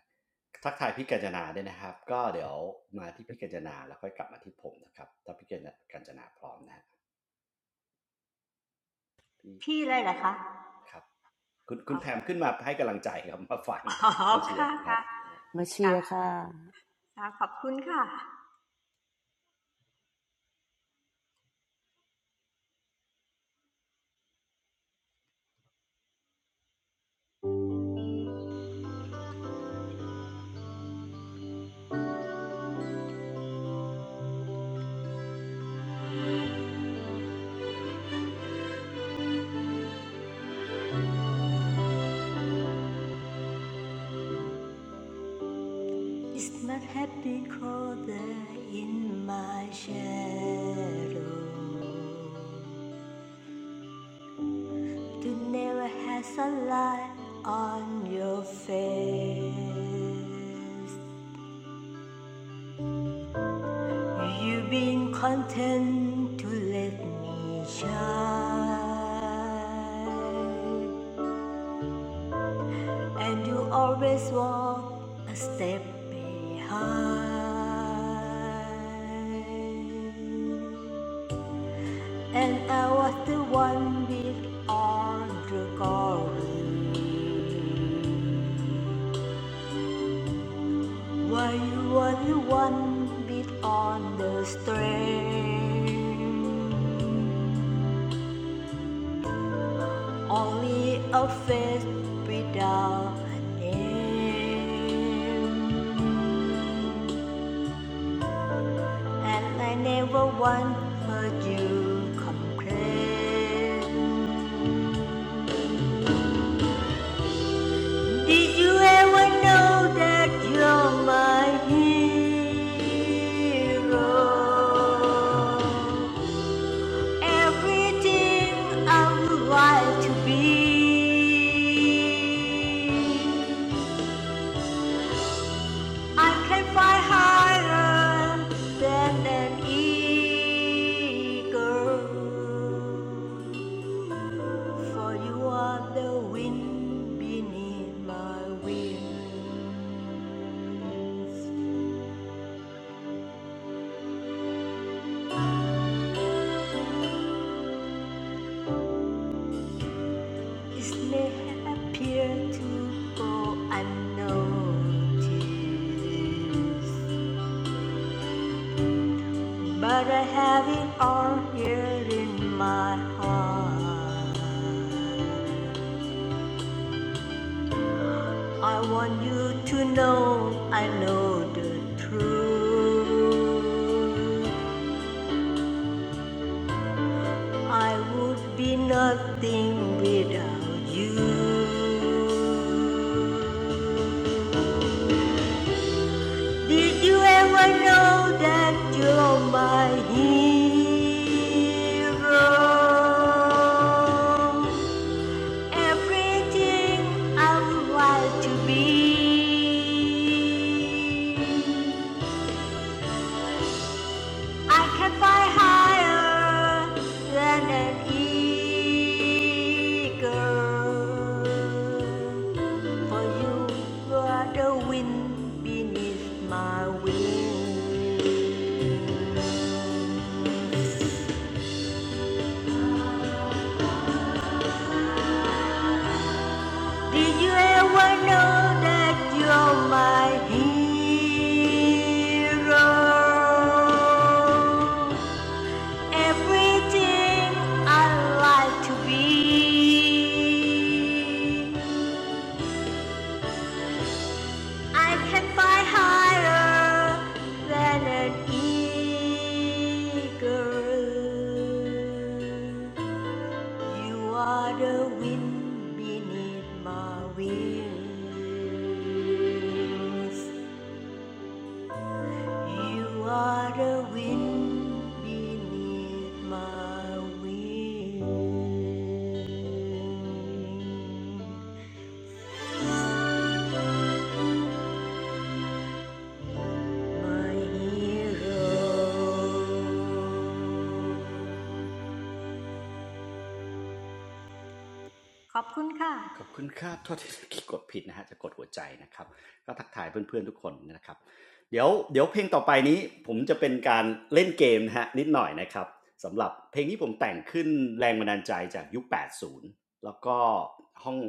ทักทายพี่กัญจนาด้วยนะครับก็เดี๋ยวมาที่พี่กัญจนาแล้วค่อยกลับมาที่ผมนะครับถ้าพี่กัญจนาพร้อมนะฮะพี่ ครับคุณคุณแพมขึ้นมาให้กำลังใจครับมาฟังมาเชียร์ครับ พี่เลยเหรอคะอ๋ออ๋อค่ะค่ะค่ะค่ะขอบคุณค่ะ มาเชียร์ค่ะ It's not happy colder in my shadow You never has a light on your face You've been content to let me shine And you always walk a step behind. And I was the one with all the calling. While you were the one with on the string? Only a face without a name. And I never once heard you complain. Did you ever know that you're my hero? Everything I would like to be. I can fly higher than an eagle. For you are the wind beneath my wings. It's not happier to go unnoticed. But I have it all here in my heart. I want you to know I know the truth. I would be nothing without you. Did you ever know that you're my hero? Everything I want to be. I can fly higher than an eagle. For you are the wind beneath my wings. Did you ever know that you're my hero? Everything I like to be. I can fly higher than an eagle. You are the wind beneath my wings. You are the wind beneath my wings. My hero. ขอบคุณค่ะ ขอบคุณครับโทษที่ *laughs* กดผิดนะฮะจะกดหัวใจนะครับก็ทักทายเพื่อนๆทุกคนนะครับเดี๋ยวเดี๋ยวเพลงต่อไปนี้ผมจะเป็นการเล่นเกมนะฮะนิดหน่อยนะครับสำหรับเพลงที่ผมแต่งขึ้นแรงบันดาลใจจากยุค80 แล้วก็ห้อง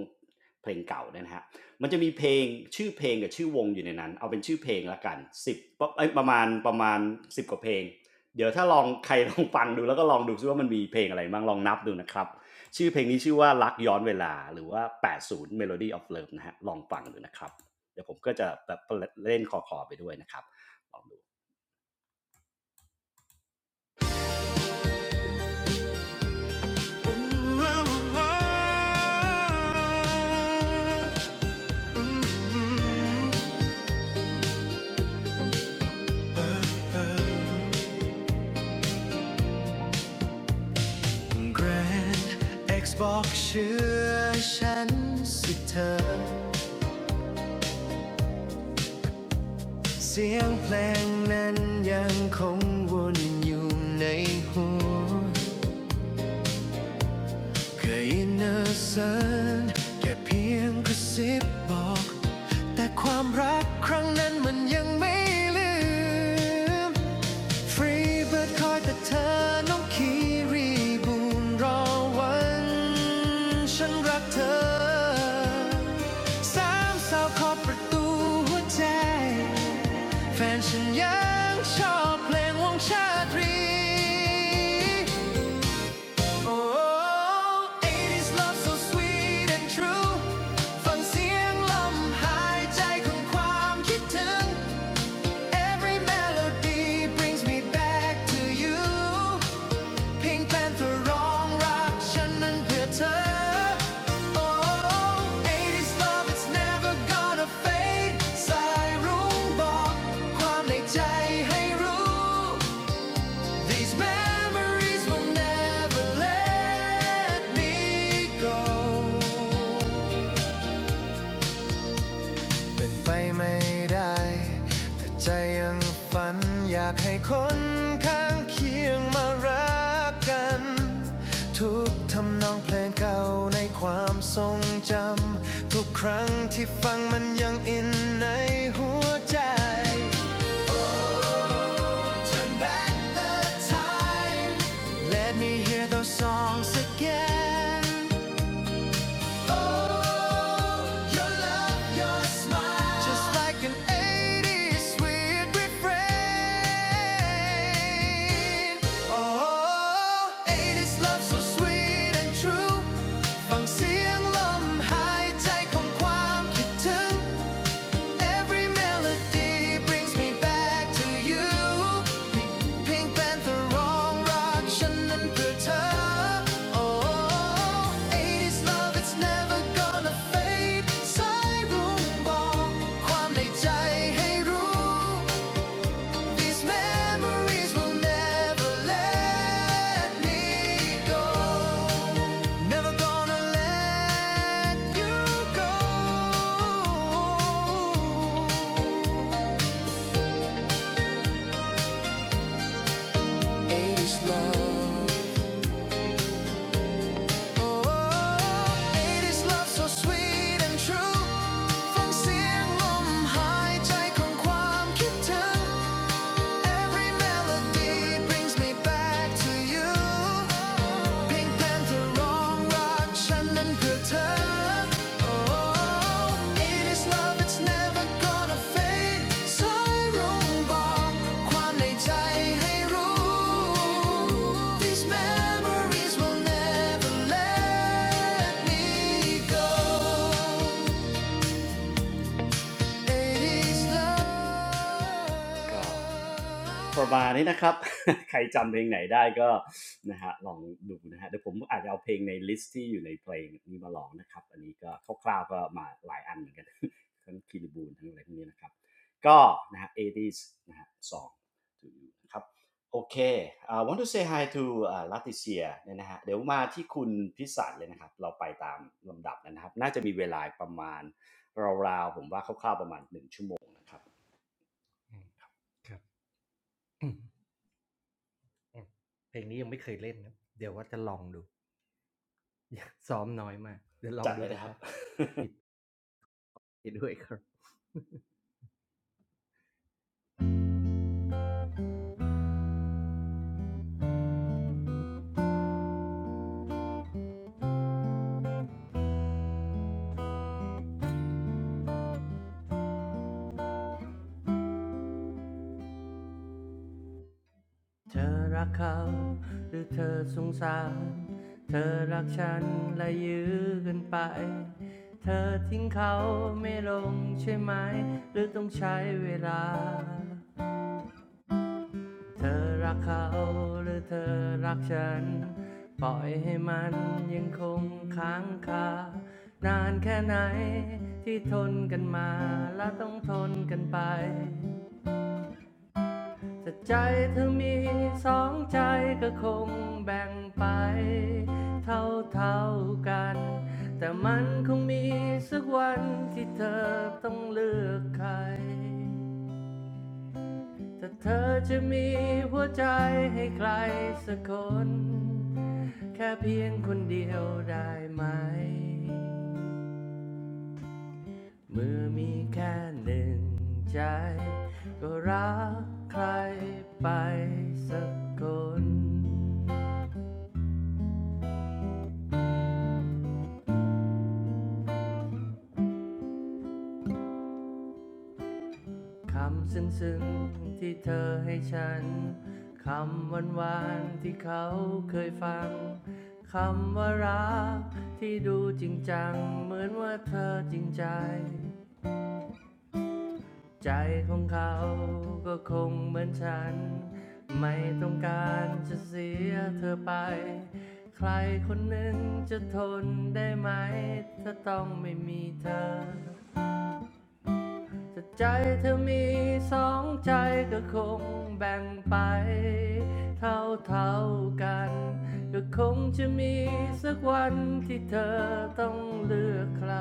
เพลงเก่านะฮะมันจะมีเพลงชื่อเพลงกับชื่อวงอยู่ในนั้นเอาเป็นชื่อเพลงละกันสิบประมาณประมาณสิบกว่าเพลงเดี๋ยวถ้าลองใครลองฟังดูแล้วก็ลองดูซิว่ามันมีเพลงอะไรบ้างลองนับดูนะครับ ชื่อเพลงนี้ชื่อว่ารักย้อนเวลาหรือว่า80 Melody of Love นะฮะลองฟังดูนะครับเดี๋ยวผมก็จะแบบเล่นคอคอๆไปด้วยนะครับ Grand X บอกเชื่อฉันสิเธอเสียงเพลงนั้นยังคงวนอยู่ในหัว เคยอินเนอร์เซนแค่เพียงกระซิบบอกแต่ความรักครั้งนั้นมันยังไม่ลืมฟรีเบิ r d ดคอยแต่เธอน้องคีรีบูนรอวันฉันรักเธอสามสาวขอบประตูหัวใจแฟนฉันยังชอบเพลงวงชาตรี Oh, 80s love so sweet and true ฟังเสียงลมหายใจของความคิดถึง Every melody brings me back to you Pink Panther ร้องรักฉันนั้นเพื่อเธอ Oh, 80s love it's never gonna fade These memories will never let me go เป็นไปไม่ได้แต่ใจยังฝันอยากให้คนข้างเคียงมารักกันทุกทำนองเพลงเก่าในความทรงจำทุกครั้งที่ฟังมันยังอินในหัวใจ Turn back the time. Let me hear those songs again. Oh, your love, your smile. Just like an 80s sweet refrain. Oh, 80s love so sweet and true. ฟังเสียงลมหายใจของความคิดถึง Every melody brings me back to you Pink and wrong rock เพียงเป็นแต่ร้องรักฉันนั้นเพื่อเธอ Oh 80s love it's never gonna fade Sai room สายรุ้งบอกความในใจให้รู้ These memories will never let me go Never gonna let you go 80s love It is love so sweet and true ฟังเสียงลมหายใจของความคิดถึง Every melody brings me back to you. Pink Panther, wrong rock, Shannon Curtain. Oh, it is love, it's never gonna fade. สายรุ้งบอกความในใจให้รู้ These memories will never let me go. ก็ประมาณนี้นะครับ *laughs* ใครจำเพลงไหนได้ก็นะฮะลองดูนะฮะเดี๋ยวผมอาจจะเอาเพลงในลิสต์ที่อยู่ในเพลงนี้มาลองนะครับอันนี้ก็คร่าวๆก็มาหลายอันเหมือนกัน *laughs* ทั้งคิริบูลทั้งอะไรพวกนี้นะครับก็นะฮะ 80s นะฮะ song to you นะครับโอเค I want to say hi to ลัติเซียเนี่ยนะฮะเดี๋ยวมาที่คุณพิสันเลยนะครับเราไปตามลำดับนะครับน่าจะมีเวลาประมาณ ราวๆผมว่าคร่าวๆประมาณหนึ่งชั่วโมงนะครับจัดเลยนะครับ *laughs* เธอรักฉันและยื้อกันไป เธอทิ้งเขาไม่ลงใช่ไหมหรือต้องใช้เวลา เธอรักเขาหรือเธอรักฉันปล่อยให้มันยังคงค้างคานานแค่ไหนที่ทนกันมาและต้องทนกันไปแต่ใจเธอมีสองใจก็คงแบ่งไปเท่าเท่ากันแต่มันคงมีสักวันที่เธอต้องเลือกใคร ถ้าเธอจะมีหัวใจให้ใครสักคนแค่เพียงคนเดียวได้ไหมเมื่อมีแค่หนึ่งใจก็รักใครไปสักคนคำซึ้งๆที่เธอให้ฉันคำหวานๆที่เขาเคยฟังคำว่ารักที่ดูจริงจังเหมือนว่าเธอจริงใจ ใจของเขาก็คงเหมือนฉันไม่ต้องการจะเสียเธอไปใครคนหนึ่งจะทนได้ไหมถ้าต้องไม่มีเธอถ้าใจเธอมีสองใจก็คงแบ่งไปเท่าเท่าๆกันก็คงจะมีสักวันที่เธอต้องเลือกใคร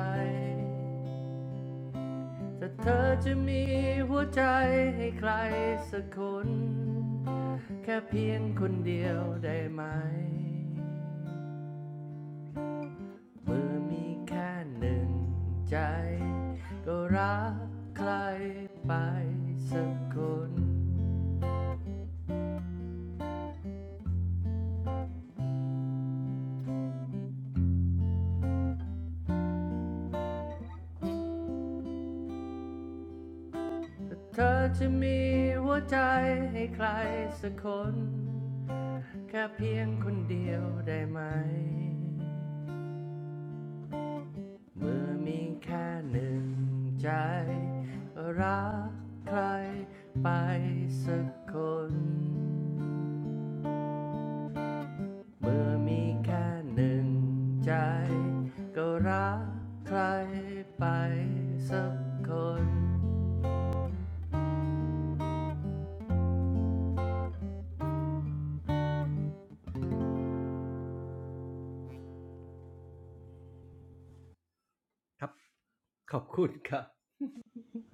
แต่เธอจะมีหัวใจให้ใครสักคนแค่เพียงคนเดียวได้ไหมเมื่อมีแค่หนึ่งใจก็รักใครไปสักคนแต่เธอจะมีหัวใจให้ใครสักคนแค่เพียงคนเดียวได้ไหม เมื่อมีแค่หนึ่งใจรักใครไปสักคน เมื่อมีแค่หนึ่งใจก็รักใครไปสักคน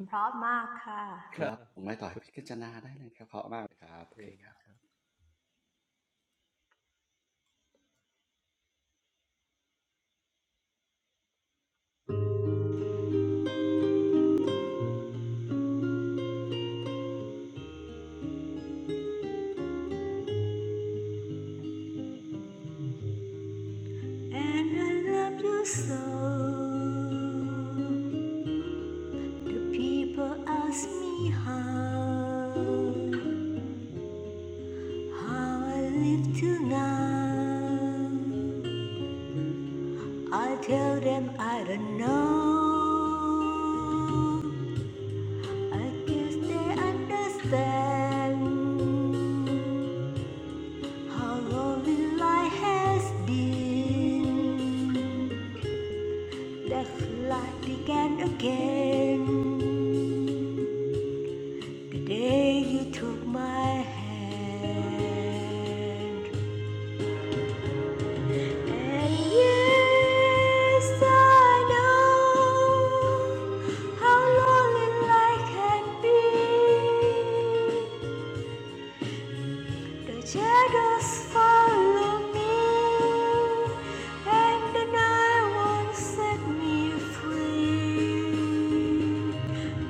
เพราะมากค่ะ ครับผมไม่ต่อยพิจารณาได้เลยครับเพราะมากเลยครับโอเคครับ And I love you so The people ask me how How I live till now I tell them I don't know I guess they understand how lonely life has been. Let's light began again. The day you took my hand. And yes, I know how lonely life can be. The shadows follow me, and the night won't set me free.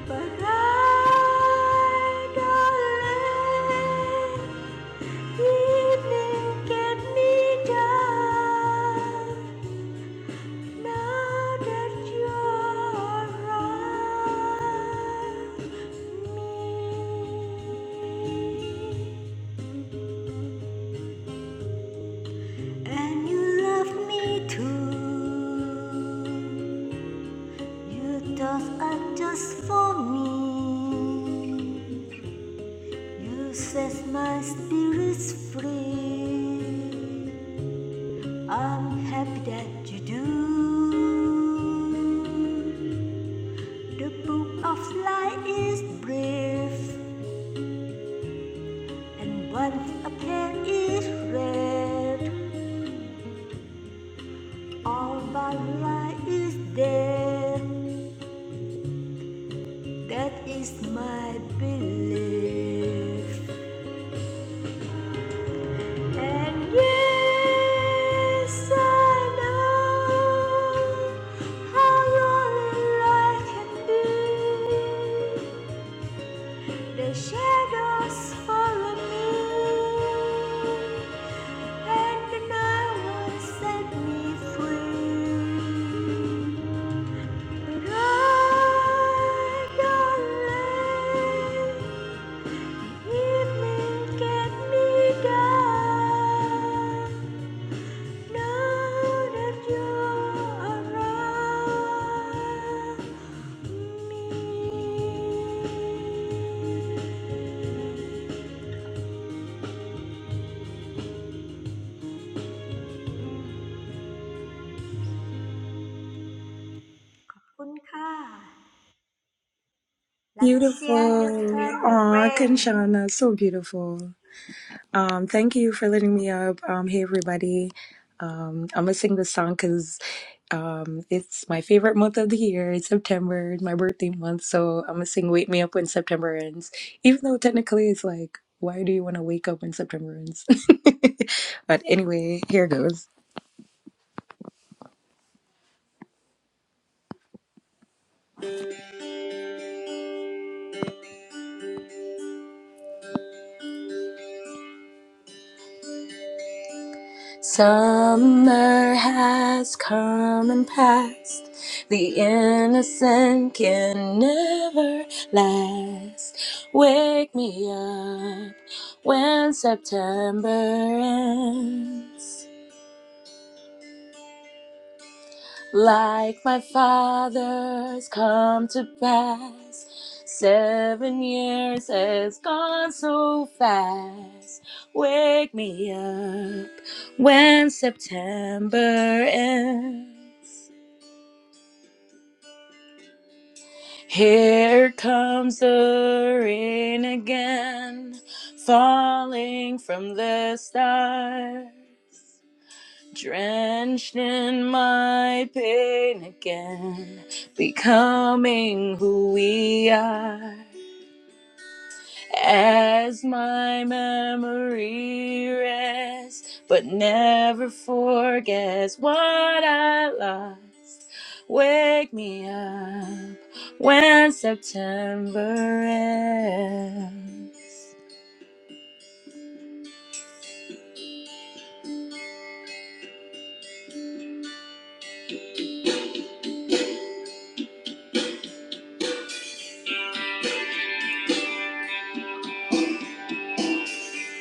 But I don't let evening get me down. Now that you're around me. And you love me too. You don't just for me. You set my spirits free. I'm happy that you do. The book of life is brief, and once a pen is read, all my life is there. That is my belief. And yes, I know how lonely life can be. The shadows follow me, and the night will set me free. But I don't let Evening get me down now that you're around คุณค่ะ Leticia your Beautiful. turn my Aw, friend Kanchana, so beautiful. Um, thank you for letting me up. Um, hey, everybody. Um, I'm gonna sing this song because um, it's my favorite month of the year. It's September, it's my birthday month, so I'm gonna sing "Wake Me Up When September Ends." Even though technically it's like, why do you want to wake up when September ends? *laughs* but anyway, here goes. Summer has come and passed. The innocent can never last. Wake me up when September ends. like my father's come to pass. Seven years has gone so fast. Wake me up when September ends. Here comes the rain again, falling from the stars. Drenched in my pain again, becoming who we are. As my memory rests, but never forgets what I lost. Wake me up when September ends.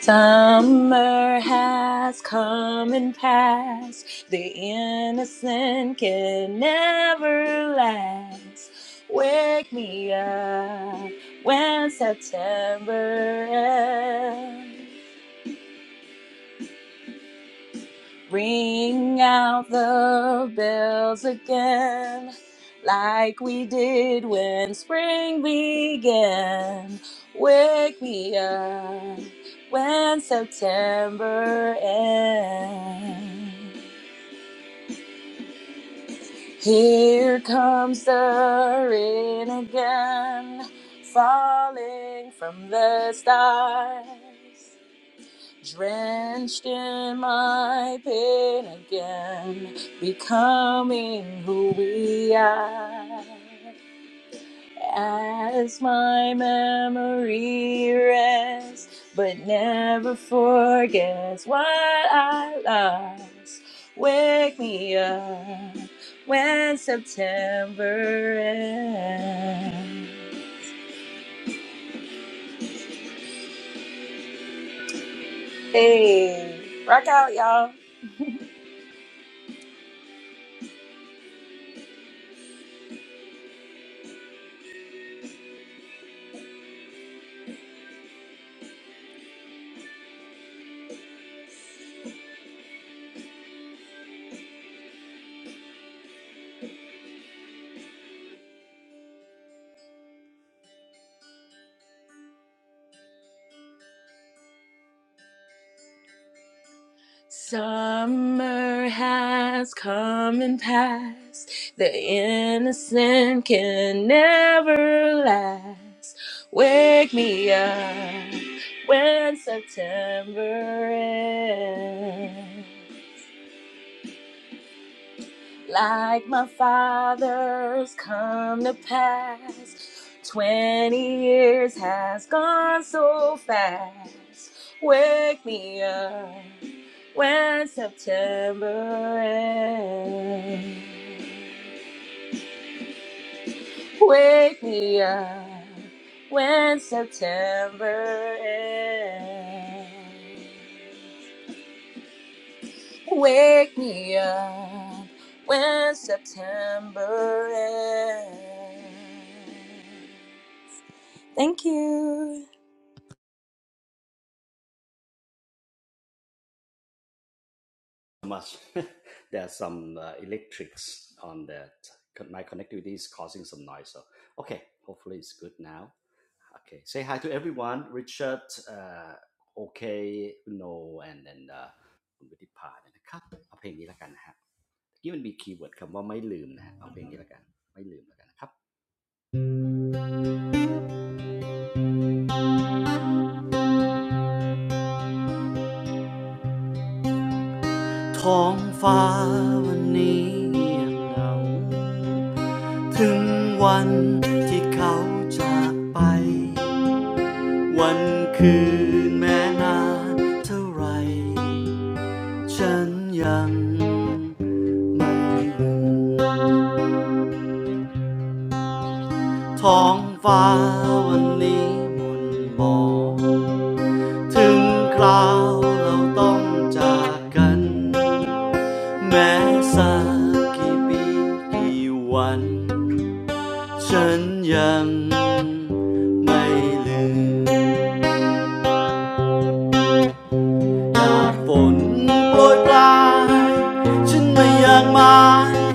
Summer has come and passed. The innocent can never last. Wake me up when September ends. Ring out the bells again, like we did when spring began. Wake me up when September ends. Here comes the rain again, falling from the stars. Drenched in my pain again, becoming who we are. As my memory rests, but never forgets what I lost. Wake me up when September ends. Hey, rock out, y'all. Summer has come and passed. The innocent can never last. Wake me up when September ends like my father's come to pass. Twenty years has gone so fast. Wake me up when September ends. Wake me up when September ends. Wake me up when September ends. Thank you. much *laughs* there are some uh, electrics on that my connectivity is causing some noise so okay hopefully it's good now okay say hi to everyone Richard uh, okay no and then uh, คุณวิทิพาเนี่ยนะครับเอาเพลงนี้แล้วกันนะฮะเมื่อกี้มันมีคีย์เวิร์ดคำว่าไม่ลืมนะฮะเอาเพลงนี้แล้วกันไม่ลืมแล้วกันนะครับ ท้องฟ้าวันนี้ยังเหงาถึงวันที่เขาจากไป วันคืนแม้นานเท่าไหรฉันยังไม่ลืมท้องฟ้าวันนี้มนต์บอก ถึงคราวเราต้องจากกันแม้สักกี่ปีกี่วันฉันยังไม่ลืม หน้าฝนโปรยปลายฉันไม่อยากมา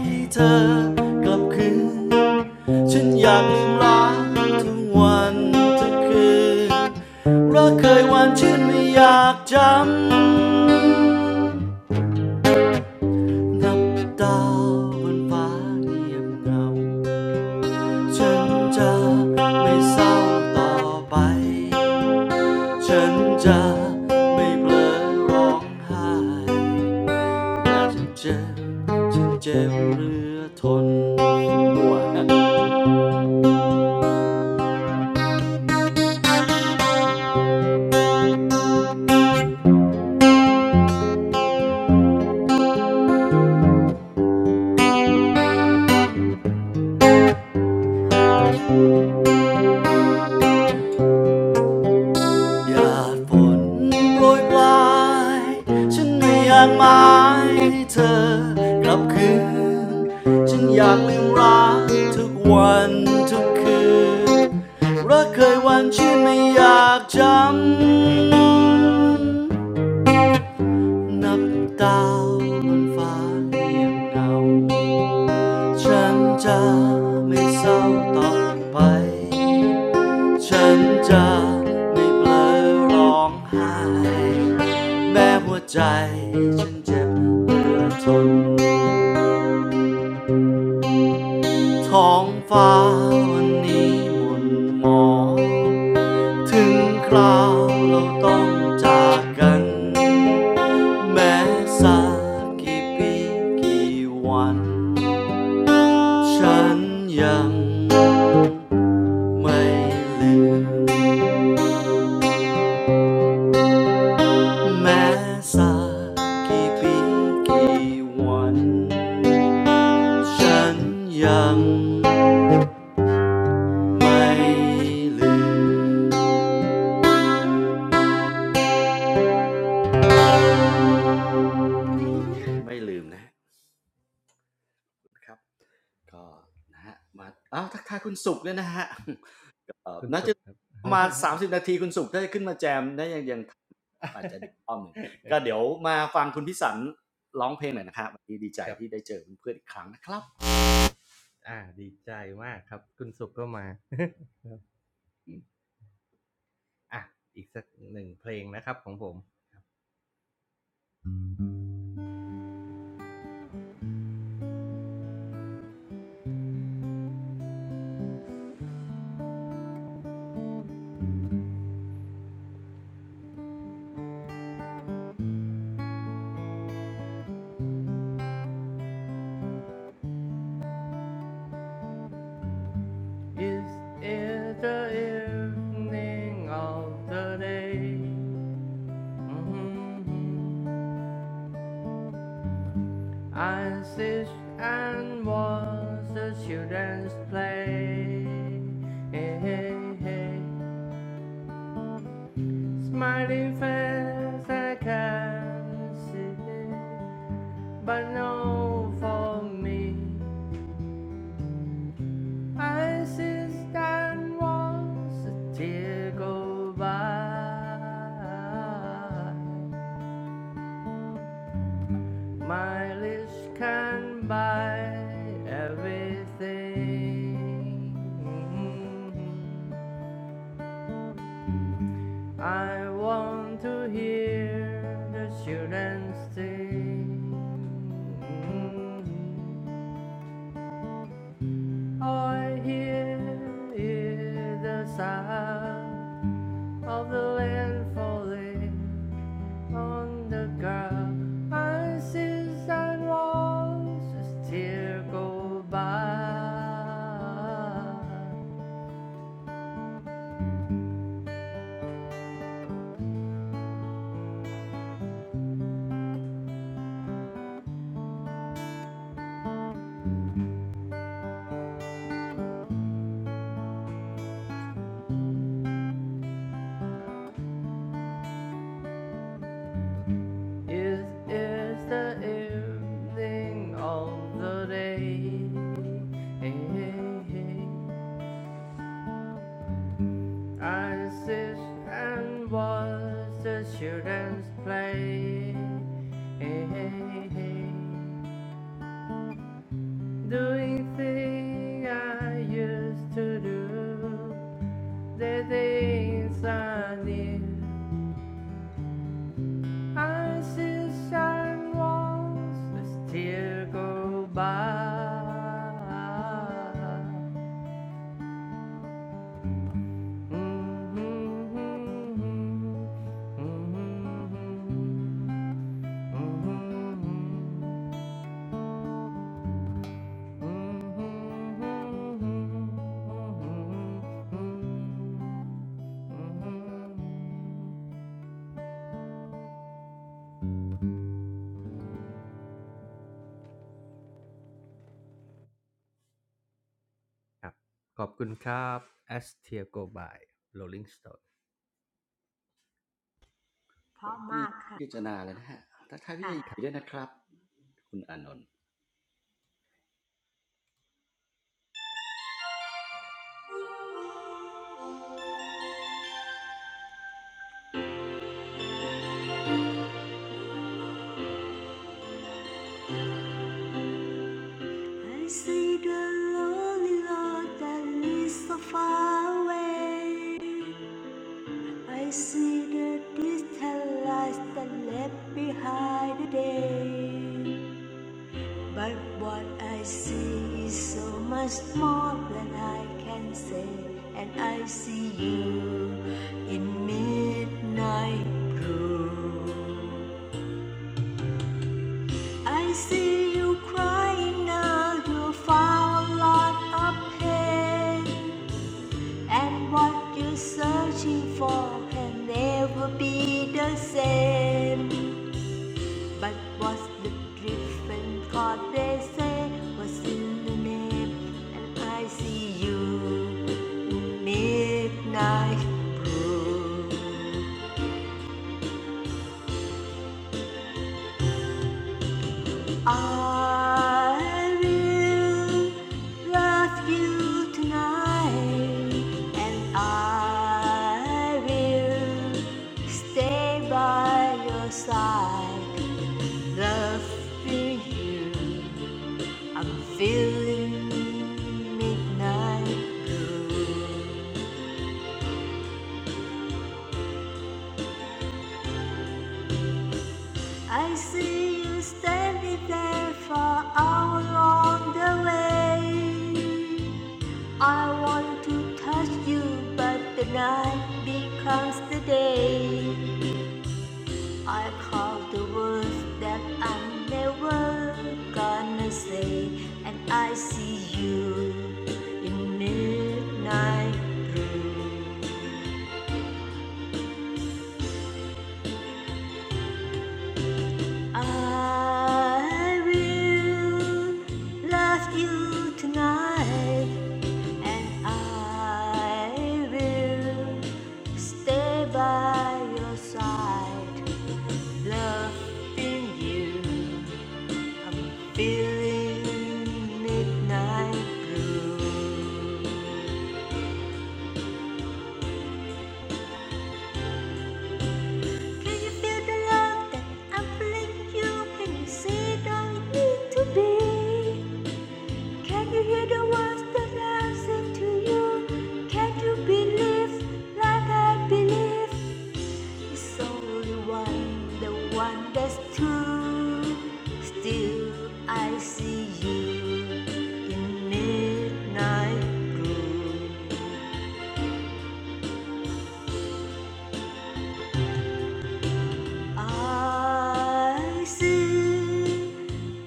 ให้เธอกลับคืนฉันอยากลืมรักทุกวันทักคืนรักเคยหวานฉันไม่อยากจำนับดาวบนฟ้าเงียบเหงาฉันจะไม่เศร้าต่อไปฉันจะไม่เผลอร้องไห้ ฉันเจ็บฉันเจ็บเรือทนบัวนะหยาดฝนโปรยปลายฉันไม่อยากหมายให้เธอกลับคืน ฉันอยากลืมรักทุกวันทุกคืน รักเคยวันที่ไม่อยากจำ นับดาวบนฟ้าเรียงเงา ฉันจะไม่เศร้าต่อไป ฉันจะไม่เผลอร้องไห้แม้หัวใจฉันเจ็บเหลือทนท้องฟ้าวันนี้หมุนหมองถึงคราวเราต้องจากกัน แม้สักกี่ปีกี่วันฉันยังไม่ลืม สักกี่ปีกี่วันฉันยังไม่ลืมไม่ลืมนะครับก็นะฮะมาอ้าวทักทายคุณสุขด้วยนะฮะเอ่อน่าจะประมาณ30นาทีคุณสุขถ้าจะขึ้นมาแจมนะยังยังอาจจะดึกอ้อมหนึ่งก็เดี๋ยวมาฟังคุณพิสันร้องเพลงหน่อยนะครับวันนี้ดีใจที่ได้เจอเพื่อนอีกครั้งนะครับ It's i the evening of the day Mm-hmm. I sit and watch the children's play. Hey, hey, hey. Smiling face I can see, but no for me. I sit and watch the tear go by. My list can buy everything. Mm-hmm. I want to hear the students sing. Mm-hmm. All I hear is the sound of the land falling. on the ground. I see and walls as tear go by. It is the evening of the day. I sit and watch the children play. Doing things I used to do, the things I knew. I see I was, I still go by. Mhm. พี่เพราะมากค่ะค่ะ พิจารณาเลยนะฮะทักทายพี่ใหญ่ด้วยนะครับคุณอานนท์ I see the lonely Lord that is so far away. I see the distant lights that left behind the day. But what I see is so much more than I can say, and I see you in midnight blue. I see you crying now, you found a lot of pain, and what you're searching for can never be the same. But was the driven caught they say was in the name and I see you in midnight proof I will love you tonight and I will stay by your side loving you I'm feeling midnight blue. I see you standing there for hours on the way. I want to touch you, but the night becomes the day. I call the words that I'm never gonna say, and I see you in midnight I will love you tonight, and I will stay by your side. Loving you, I'm feeling midnight blue. Can you feel the love that I'm feeling you? Can you see? it Don't need to be. Can you hear the words that I sing to you? Can you believe like I believe? It's only one, the one that's true. Still, I see you in midnight blue. I see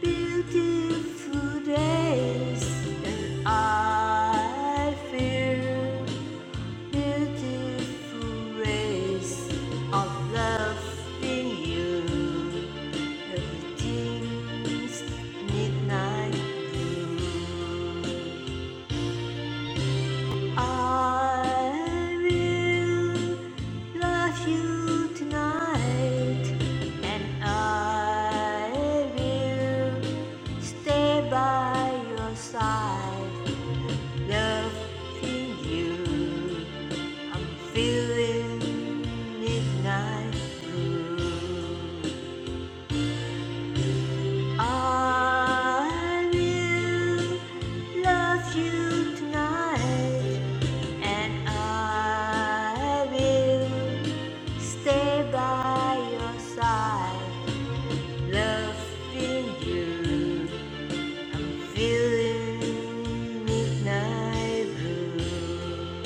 beautiful days, and I feel. Beautiful race of love in you. Everything's midnight blue. I will love you tonight, and I will stay by your side Loving you, I'm feeling midnight blue. I will love you tonight, and I will stay by your side. Loving you, I'm feeling midnight blue.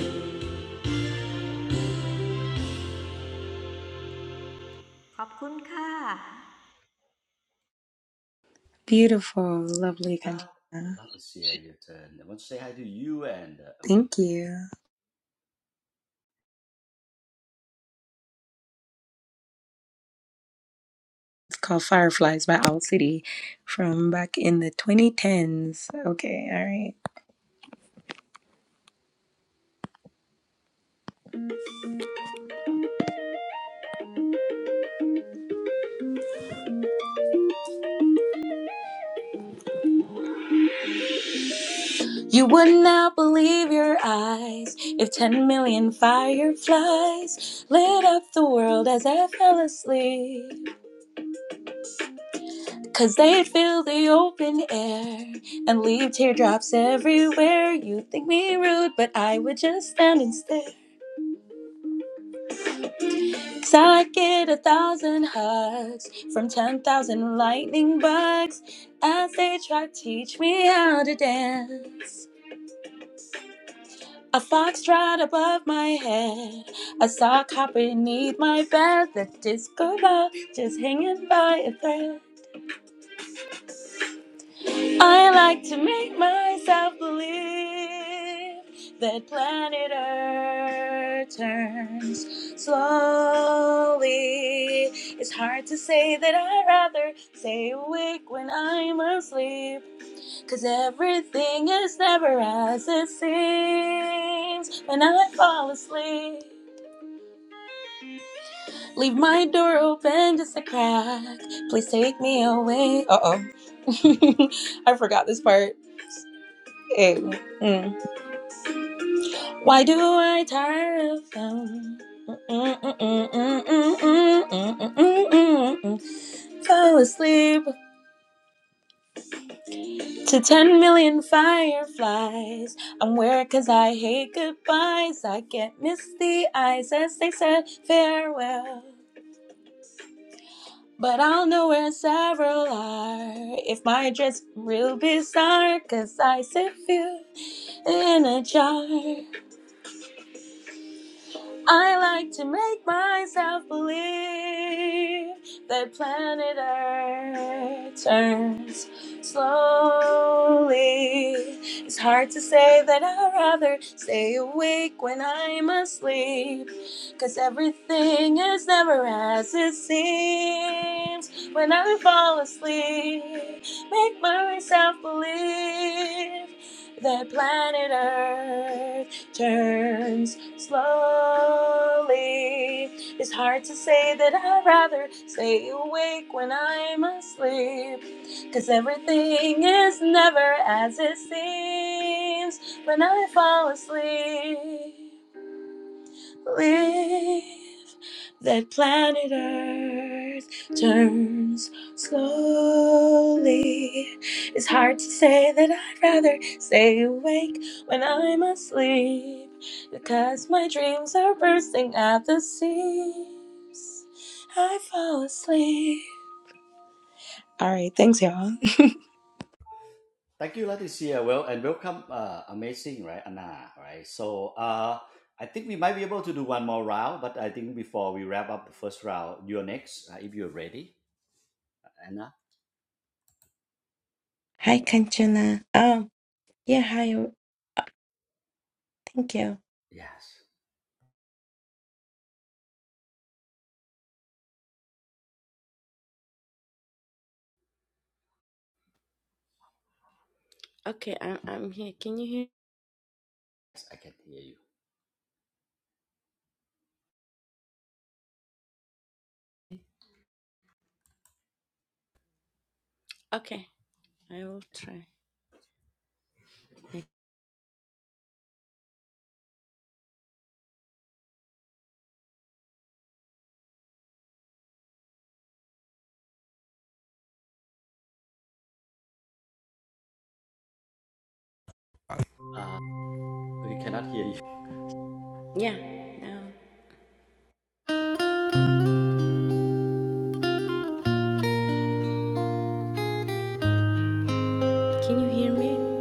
ขอบคุณค่ะ Beautiful, lovely Now, Kanchana. Leticia, your turn. I want to say hi to you and uh, Thank Amazing. you. It's called Fireflies by Owl City from back in the 2010s. Okay, all right. You would not believe your eyes if 10 million fireflies lit up the world as I fell asleep. Cause they'd fill the open air and leave teardrops everywhere. You'd think me rude, but I would just stand and stare. 'Cause i I'd get a thousand hugs from ten thousand lightning bugs as they try to teach me how to dance. A fox trot above my head, a sock hop beneath my bed. The disco ball just hanging by a thread. I like to make myself believe that planet Earth turns slowly. It's hard to say that I'd rather stay awake when I'm asleep, 'cause everything is never as it seems when I fall asleep. Leave my door open just a crack. Please take me away. Uh oh. *laughs* I forgot this part. Hey. Mm. Why do I tire of them? Fell asleep to 10 million fireflies. I'm weird cause I hate goodbyes. I get misty eyes as they said farewell. But I'll know where several are if my dress real bizarre. Cause I sit few in a jar. I like to make myself believe that planet Earth turns slowly. It's hard to say that I'd rather stay awake when I'm asleep, 'cause everything is never as it seems. When I fall asleep, make myself believe that planet Earth turns slowly. It's hard to say that I'd rather stay awake when I'm asleep, 'cause everything is never as it seems when I fall asleep live that planet Earth turns slowly. It's hard to say that I'd rather stay awake when I'm asleep because my dreams are bursting at the seams. I fall asleep. All right, thanks, y'all. Thank you, Leticia. Well, and welcome, uh, Amazing, right? Anna, right? So, uh, I think we might be able to do one more round, but I think before we wrap up the first round, you're next, uh, if you're ready, Anna. Hi, Kanchana. Oh, yeah, hi. Thank you. Yes, Okay, I'm, I'm here. Can you hear? yes, I can hear you. Okay, I will try. Uh, we cannot hear you. Yeah, now. Can you hear me?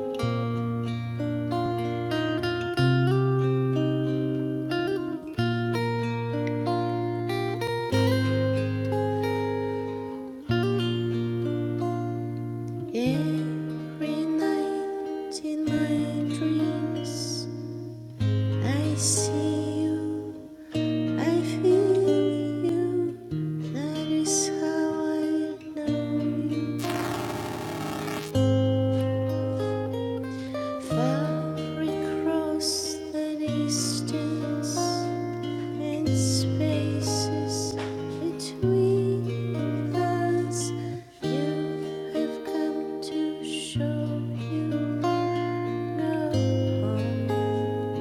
Every night in my dreams, I see you, I feel you. That is how I know you. Far across the distance, And spaces between us, you have come to show you no one.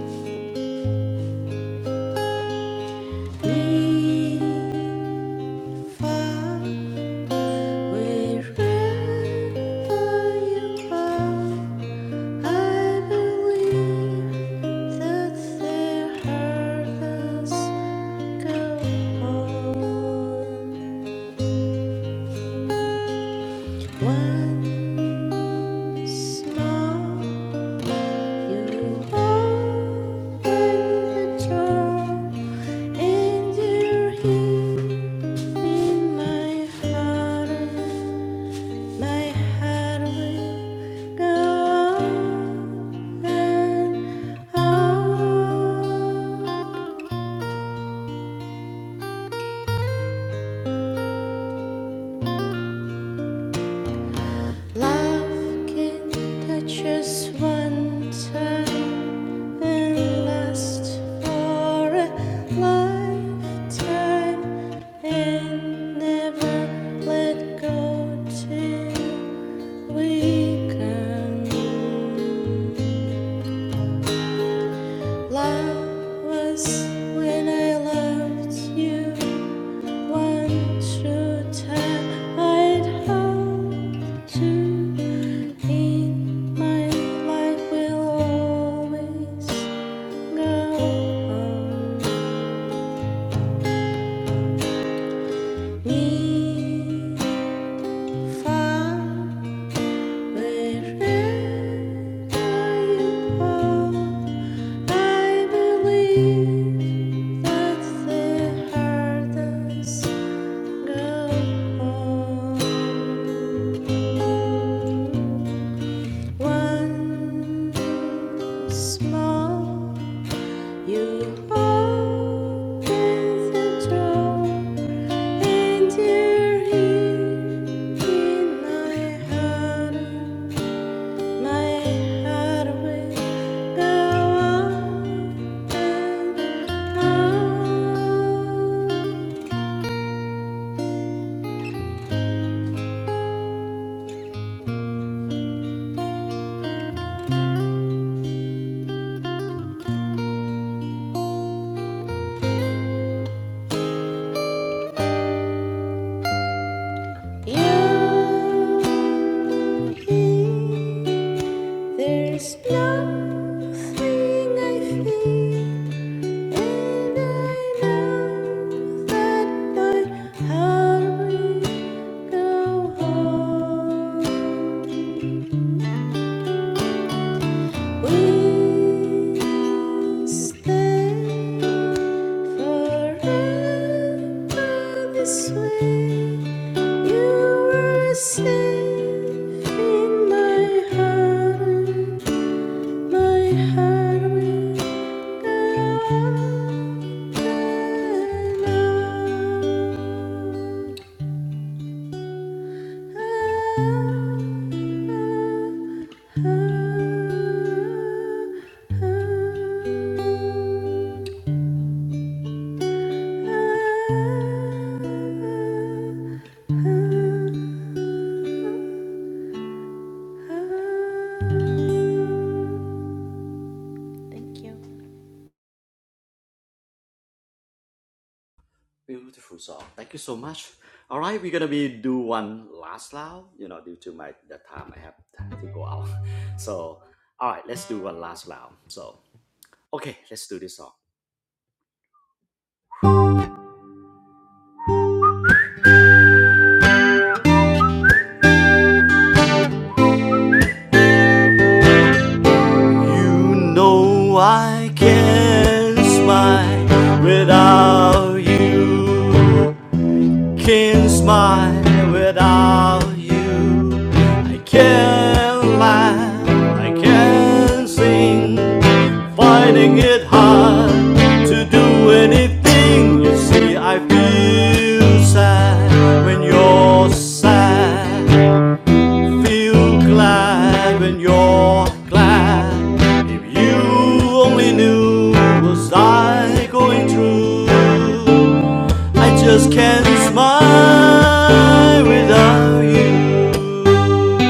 far wherever you are. I believe that there heard us go home. Once more, you open the door, and you're here in my heart. My heart will go on and on. Love can touch us one time and last for a lifetime and never let go till we come. Love was when I loved you. One true time I'd hope to in my life will always go on me far wherever you are. I believe that's the hardest Go home once more. You open the door and you're here in my heart. My heart will go on and on. You there's nothing I feel, and I know that night I'll go home. We'll stay forever this way. You were safe in my heart. My heart will go on and on. Thank you Beautiful song. Thank you so much. All right, we're gonna be do one last round. You know, due to my the time I have to go out. *laughs* So, all right, let's do one last round. So. Okay, let's do this song. You know I can't smile without you. Can't smile without you. I can't laugh, I can't sing. Finding it hard to do anything. You see, I feel sad when you're sad. feel glad when you're glad. If you only knew was I going through, I just can't smile without you.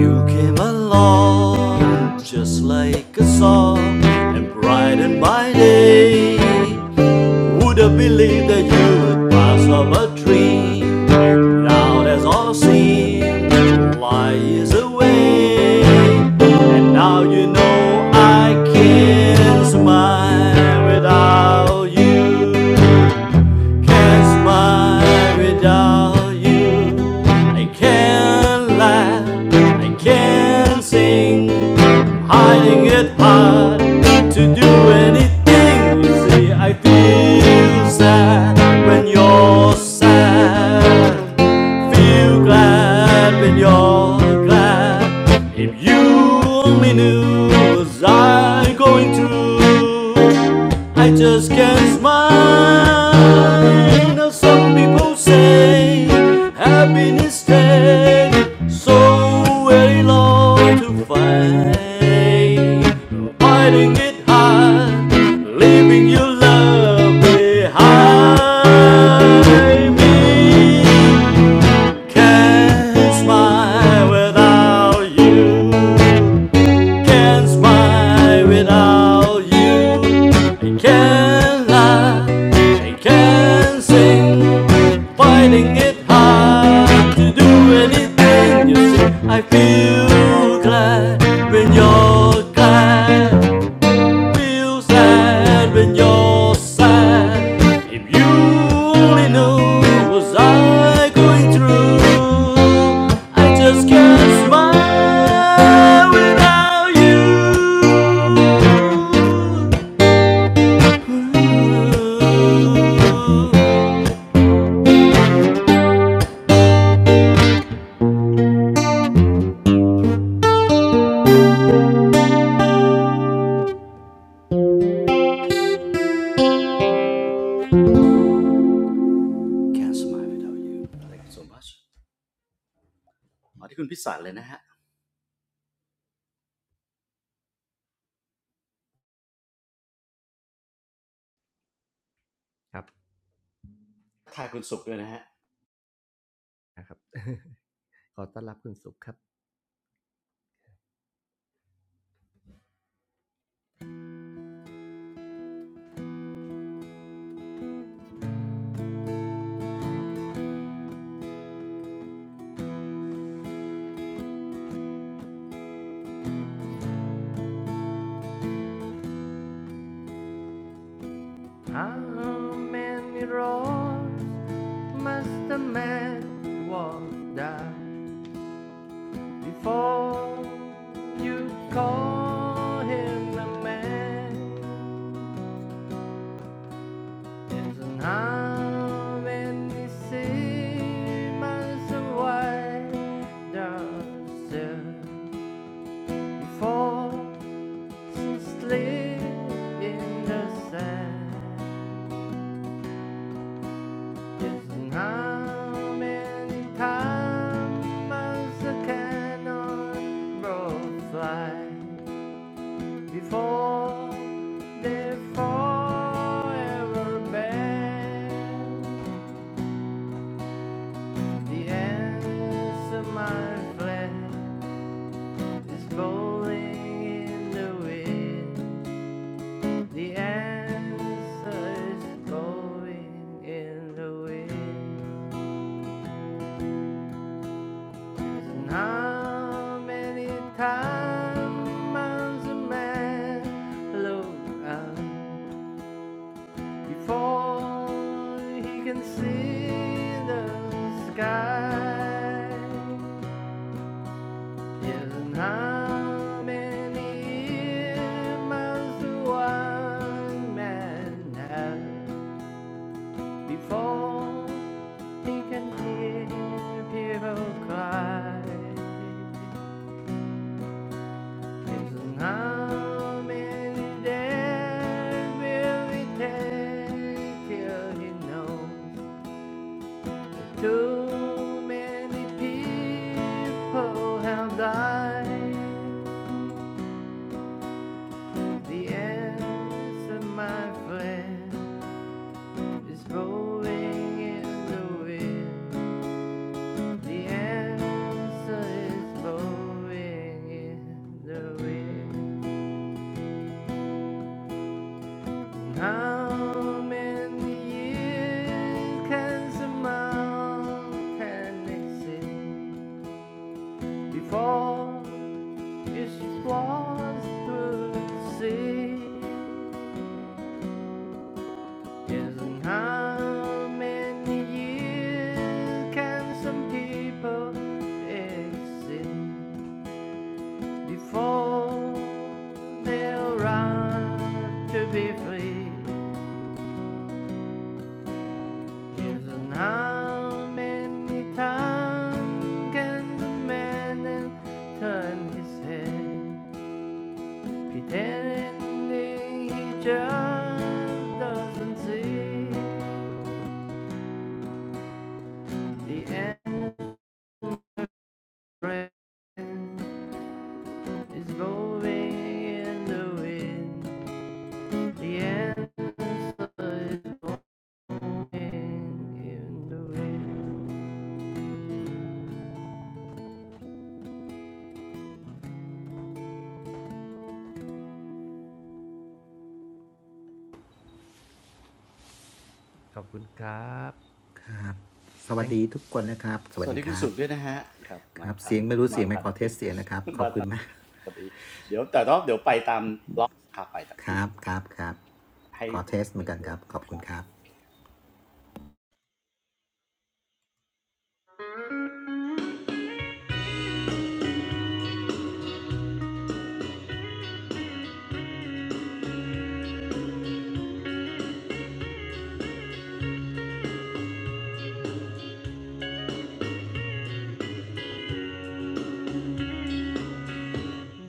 You came along just like a song and brightened my day. Would have believed that you would pass up a tree? Now there's all I've seen lies away, and now you know I can't smile without you. Can't smile without you. I can not laugh, I can not sing. I'm Hiding it hard to do anything. You see, I feel sad when you're sad feel glad when you're glad. If you only knew what I'm going through, I just can't smile. now. some people say happiness takes so very long to find. Fighting it hard, leaving your love behind me. Can't smile without you. Can't smile without you. I can't laugh. I can't sing. Finding it hard to do anything you see. I feel glad when you're glad. แกร์สมายไปเดาอยู่อะไรกันสมบัติมาที่คุณพิศาลเลยนะฮะทายคุณศุกร์ด้วยนะฮะ How many roads must a man walk down? Before you call him a man, there's an arm and he seems a wider still. Before she sleep in the sand, there's an arm and he times a cannon roll fly. before they're forever banned. The answer, my friend, is blowing in the wind. The answer is blowing in the wind. And how many times a man look up? before he can see the sky. Yes, And how many must one man have before he can hear people cry? Yes, And how many days will it take till he knows? Too many people have died. The answer, my friend, is blowing in the wind. The answer is blowing in the wind. How many years can someone can exist before? Yes, she was the sea. Isn't how many years can some people exist before their right to be free? Isn't how many times can the man turn his head? Pretending he just doesn't see the end is blowing in the wind. The answer is blowing in the wind. ครับสวัสดีทุกคนนะครับ สวัสดีคุณศุกร์ด้วยนะฮะครับมาทันมาทันปิด พอดีเดี๋ยวแต่ต้องเดี๋ยวไปตามล็อกขาไปแต่พี่ให้เตรียมตัวนะครับโอเคครับ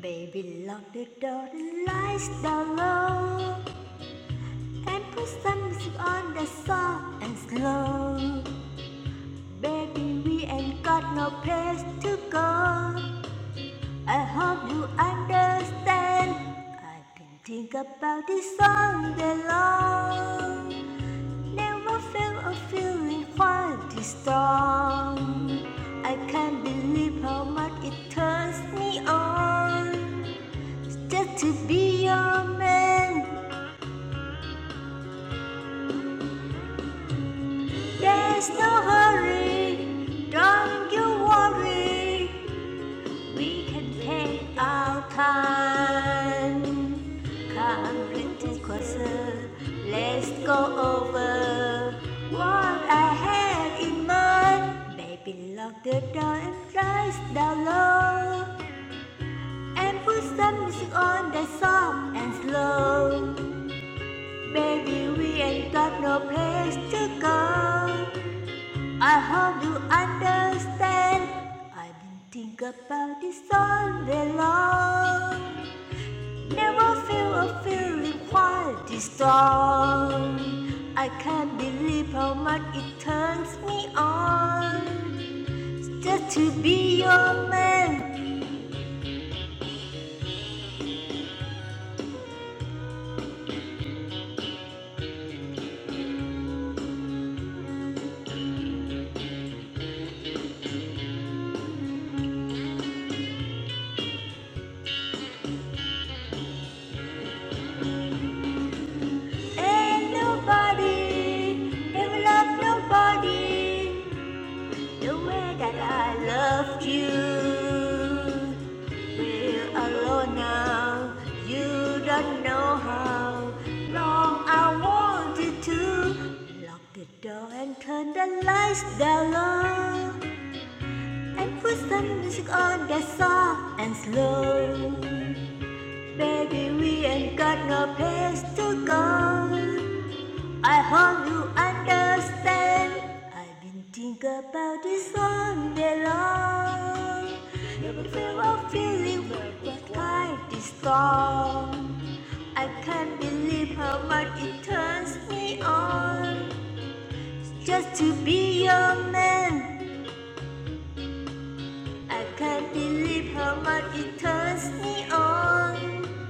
Baby lock the door the lights down low and put some music on the soft and slow Baby we ain't got no place to go I hope you understand I've been thinking about this all day long Never felt a feeling quite this strong I can't believe how much it turns me on Just to be your man, there's no hurry. Don't you worry, we can take our time. Come, little closer, let's go over what I had in mind. Baby, lock the door and rise down low, and put some music on that soft and slow. Baby, we ain't got no place to go. I hope you understand. I've been thinking about this all day long. Never feel a feeling quite this strong. I can't believe how much it turns me on. Just to be your man. Ain't nobody ever love nobody The way that I loved you, we're alone now. You don't know how long I wanted to lock the door and turn the lights down low and put some music on that's soft and slow. Baby, we ain't got no place to go. I hope you understand. I've been thinking about this all day long. Never feel of feeling what kind is storm. I can't believe how much it turns me on. Just to be your man. I can't believe how much it turns me on.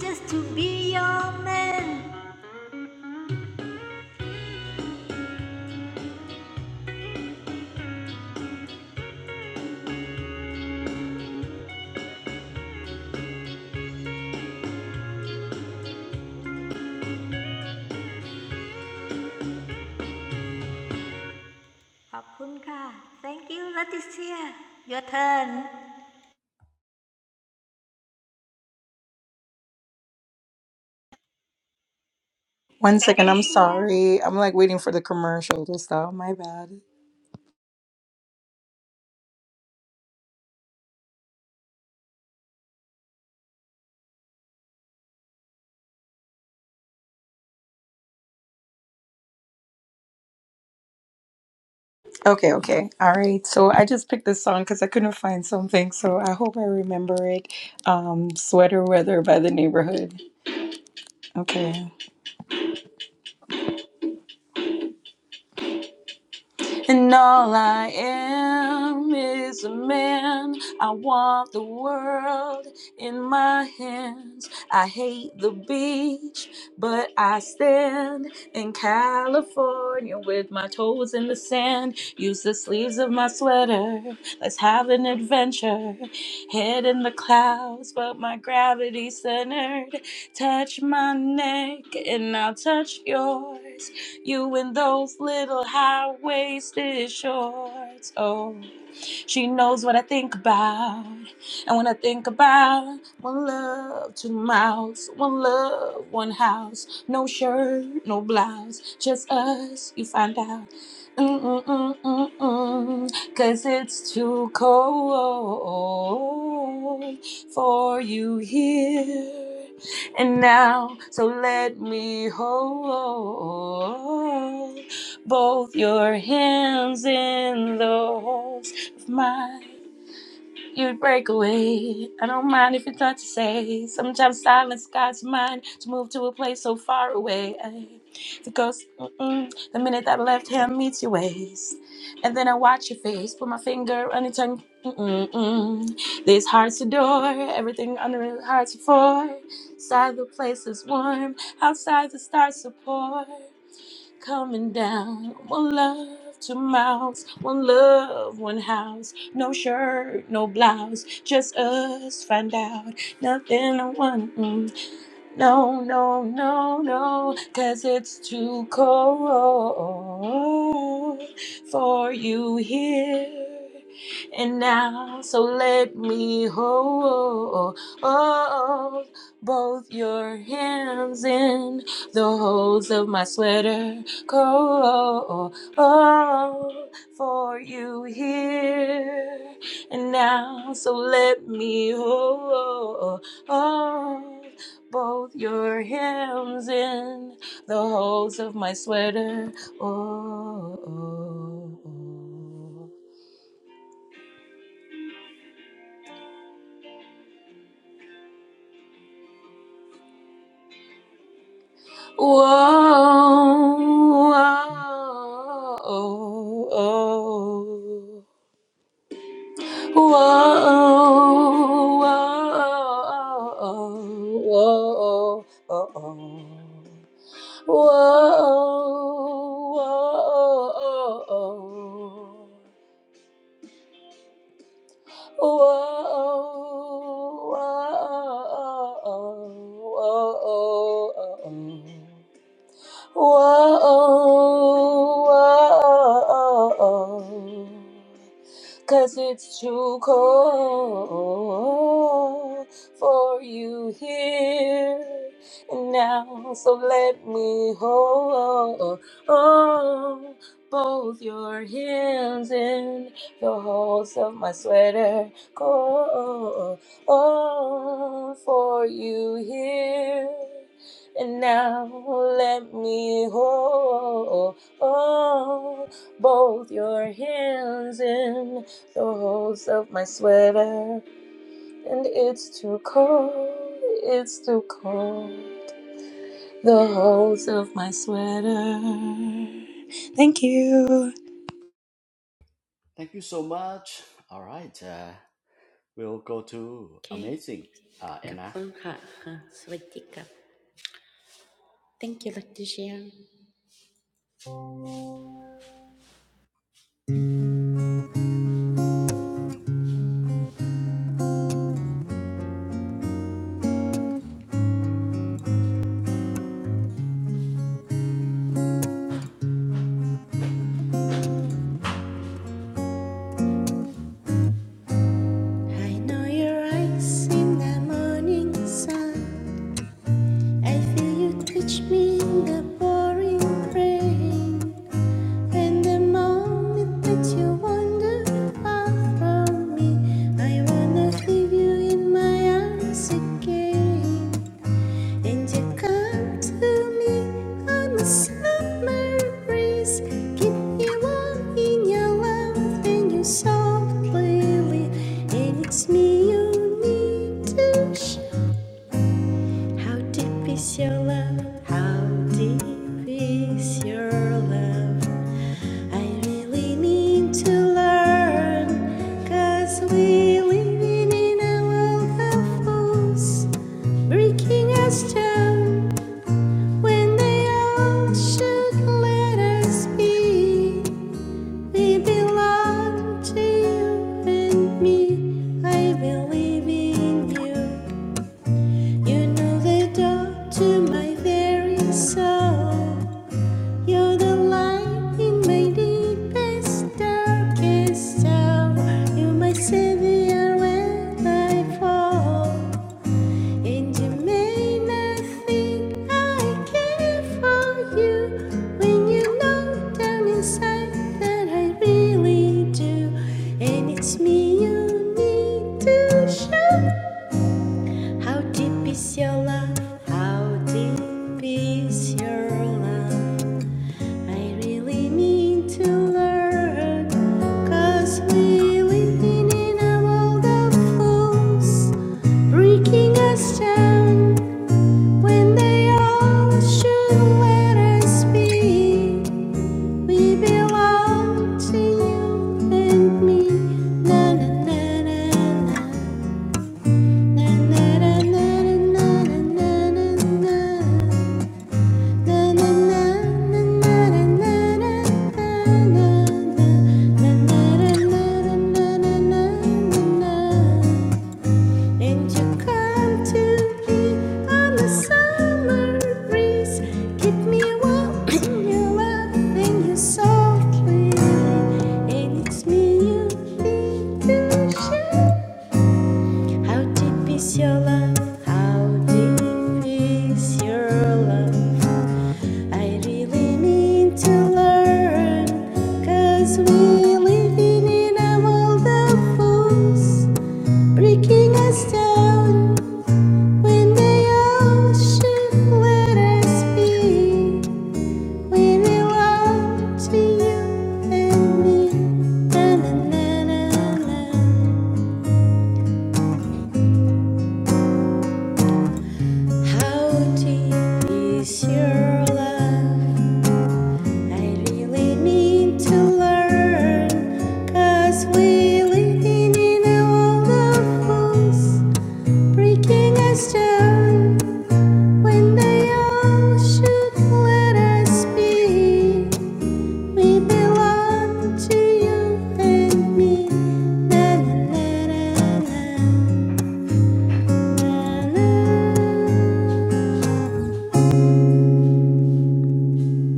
Just to be your man. ขอบคุณค่ะ Thank you Leticia Your turn *laughs* One second, I'm Leticia sorry. I'm like waiting for the commercial to stop. My bad. Okay, okay. All right. So I just picked this song because I couldn't find something. So I hope I remember it. Um, Sweater Weather by the Neighborhood. Okay. And all I am is a man. I want the world in my hands. I hate the beach, but I stand in California with my toes in the sand. Use the sleeves of my sweater. Let's have an adventure. Head in the clouds, but my gravity centered. Touch my neck, and I'll touch yours. You in those little high waisted shorts. Oh. She knows what I think about. And when I think about one love, two mouths, one love, one house, no shirt, no blouse, just us, you find out. Mm-mm-mm-mm-mm. Cause it's too cold for you here and now. So let me hold both your hands in those mine. You'd break away. I don't mind if it's hard to say. Sometimes silence guides mine to move to a place so far away. The ghost, mm-mm, the minute that left hand meets your waist. And then I watch your face, put my finger on your tongue. Mm-mm-mm. These hearts adore, everything under the hearts are for. Inside the place is warm, outside the stars support coming down. One love, two mouths, one love, one house. No shirt, no blouse, just us find out. Nothing to one. No, no, no, no, 'cause it's too cold for you here and now. So let me hold both your hands in the holes of my sweater. Cold for you here and now. So let me hold both your hymns in the holes of my sweater. Oh, oh, oh. whoa, oh, oh, whoa, whoa, whoa, oh, oh. Whoa, whoa, oh, oh. Whoa, whoa, whoa, whoa, whoa whoa. whoa, whoa. Cause it's too cold for you here and now. So let me hold both your hands in the holes of my sweater. Cold for you here and now let me hold both your hands in the holes of my sweater. And it's too cold, it's too cold. The holes of my sweater. Thank you. thank you so much all right uh, we'll go to amazing uh, Anna โอเคขอบคุณค่ะค่ะสวัสดีครับ Thank you Leticia I know your eyes in the morning sun I feel you touch me in the pouring rain In the moment that you wander far from me, I wanna leave you in my arms again. And you come to me on a summer breeze, keep me warm in your love and you softly, and it's me you need to How deep is your love? How deep is your love? I really need to learn, 'cause we living in a world of fools, breaking us down when they all should let us be. We belong to you and me. I believe in you. You know the door to my very soul. You're the light in my deepest, darkest hour. You're my savior when I fall. And you may not think I care for you when you know down inside that I really do. And it's me you need to show. How deep is your love? How deep is your love? I really mean to learn, 'cause we living in a world of fools, breaking us down when they all should let us be. We belong to you and me. Na na na na na, na na na na na na na na. And you come to me on the summer breeze. Keep me warm in your love and your softly. And it's me you feel to share. How deep is your love? How deep is your love? I really mean to learn, cause we live in a world of fools, breaking us down when they all should let us be. We belong to you and me. Na, na, na, na, na. How deep is your love? I really need to learn, cause we living in a world of fools, breaking us down when they all should let us be. We belong to you and me.